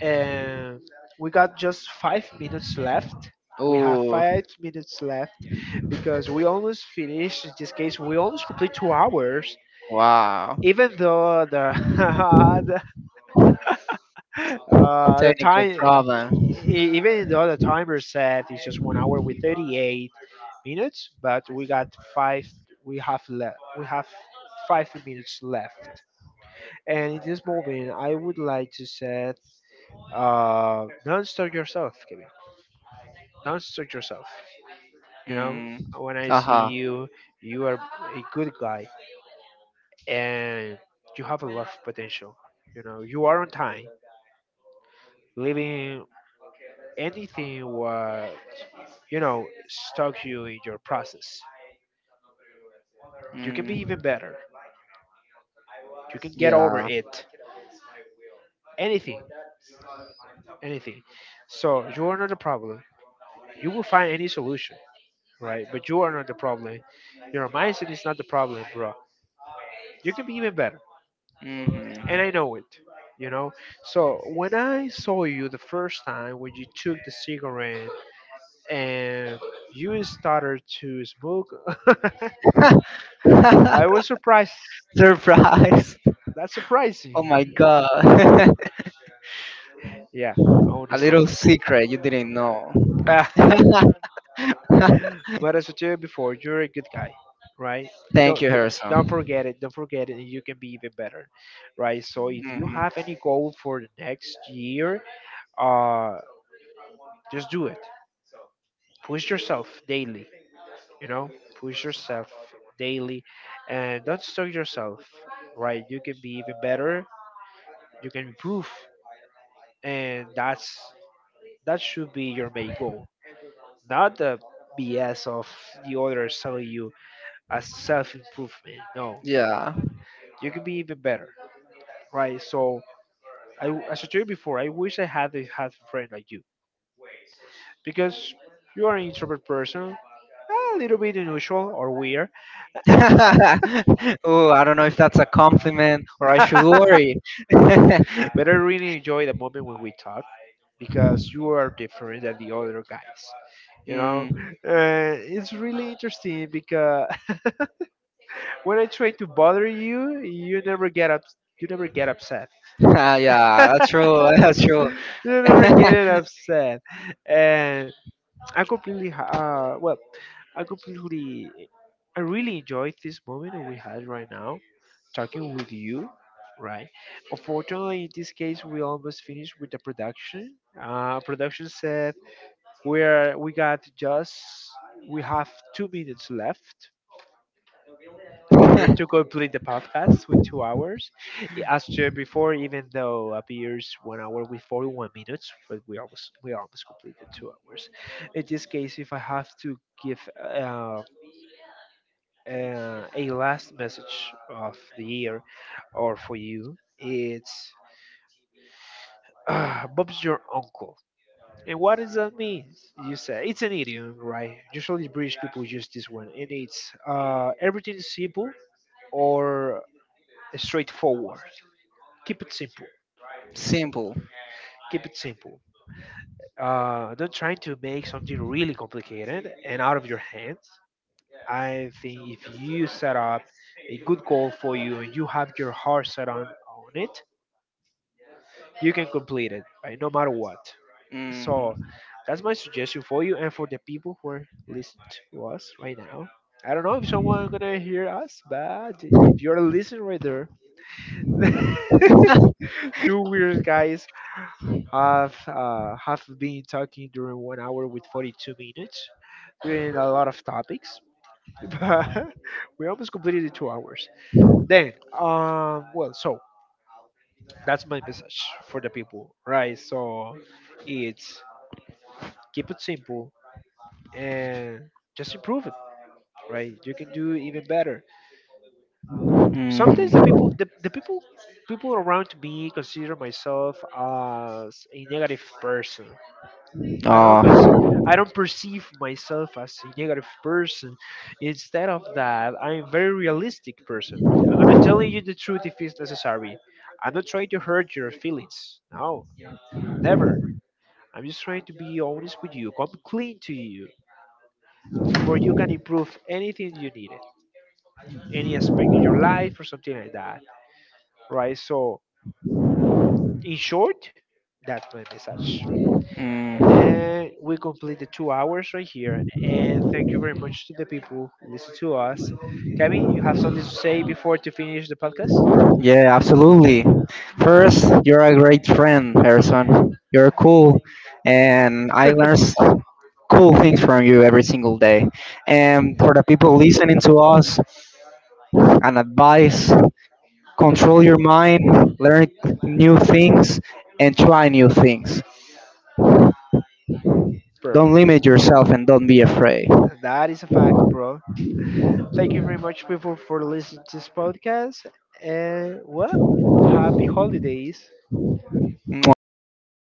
S1: And we got just 5 minutes left. We have
S2: Ooh,
S1: 5 minutes left because we almost finished. In this case, we almost complete 2 hours
S2: wow.
S1: even though the the
S2: Technical
S1: time,
S2: problem.
S1: even though the timer said it's just 1 hour with 38 minutes, but we got five, we have left, we have 5 minutes left. And in this moment, I would like to say, don't stop yourself, Kevin. Don't stop yourself. You know,
S2: Mm.
S1: when I see
S2: Aha.
S1: you, you are a good guy and you have a lot of potential. You know, you are on time, living anything what stuck you in your process. You can be
S2: Mm.
S1: even better. You can get over
S2: Yeah.
S1: it. Anything, anything. So you are not the problem. You will find any solution, right? But you are not the problem. Your mindset is not the problem, bro. You can be even better,
S2: Hmm.
S1: and I know it. You know. So when I saw you the first time, when you took the cigarette and you started to smoke, I was surprised.
S2: Surprise!
S1: That's
S2: Oh
S1: surprising.
S2: my god.
S1: Yeah,
S2: A
S1: honestly.
S2: little secret you didn't know.
S1: Ah, but as I told you before, you're a good guy, right?
S2: Thank
S1: Don't
S2: you,
S1: don't
S2: Harrison.
S1: forget it. Don't forget it, and you can be even better, right? So if you
S2: Hmm.
S1: have any goal for the next year, uh, just do it. Push yourself daily. You know, push yourself daily, and don't stop yourself, right? You can be even better. You can improve, and that should be your main goal. Not the BS of the others telling you as self improvement. No,
S2: Yeah.
S1: you can be even better, right? So, as I told you before, I wish had a friend like you because you are an introvert person, a little bit unusual or weird,
S2: Oh, I don't know if that's a compliment or I should
S1: but
S2: worry.
S1: I really enjoy the moment when we talk because you are different than the other guys. You know,
S2: Mm.
S1: it's really interesting because when I try to bother you, you never get up. You never get upset.
S2: Ah, yeah, that's true. That's true.
S1: You're never getting upset, and I completely ha- uh well, I completely I really enjoyed this moment that we had right now, talking with you, right? Unfortunately, in this case, we almost finished with the production. Production said we got just we have 2 minutes left in order to complete the podcast with 2 hours, as shared before, even though appears 1 hour with 41 minutes, but we almost completed 2 hours. In this case, if I have to give a last message of the year or for you, it's Bob's your uncle. And what does that mean? You say it's an idiom, right? Usually British people use this one, and it's everything is simple or straightforward. Keep it simple.
S2: Simple.
S1: Keep it simple. Don't try to make something really complicated and out of your hands. I think if you set up a good goal for you and you have your heart set on it, you can complete it, right? No matter what. So
S2: Hmm.
S1: that's my suggestion for you and for the people who are listening to us right now. I don't know if someone gonna hear us, but if you're listening right there, two weird guys have been talking during 1 hour with 42 minutes during a lot of topics. But we almost completed the 2 hours, then so that's my message for the people, right? So it's keep it simple, and just improve it, right? You can do even better. Sometimes
S2: Mm.
S1: the people people around me consider myself as a negative person. I don't cons-
S2: Oh.
S1: I don't perceive myself as a negative person. Instead of that, I'm a very realistic person. I'm gonna tell you the truth if it's necessary. I'm not trying to hurt your feelings. No, never. I'm just trying to be honest with you. Come clean to you, for you can improve anything you need, any aspect in your life or something like that, right? So in short, that's my message.
S2: Mm.
S1: And we complete the 2 hours right here. And thank you very much to the people who listen to us. Kevin, you have something to say before to finish the podcast?
S2: Yeah, absolutely. First, you're a great friend, Harrison. You're cool, and I learned cool things from you every single day. And for the people listening to us, an advice: control your mind, learn new things, and try new things.
S1: Bro,
S2: Don't limit yourself and don't be afraid.
S1: that is a fact, bro. Thank you very much, people, for listening to this podcast. And well, happy holidays.
S2: Mwah.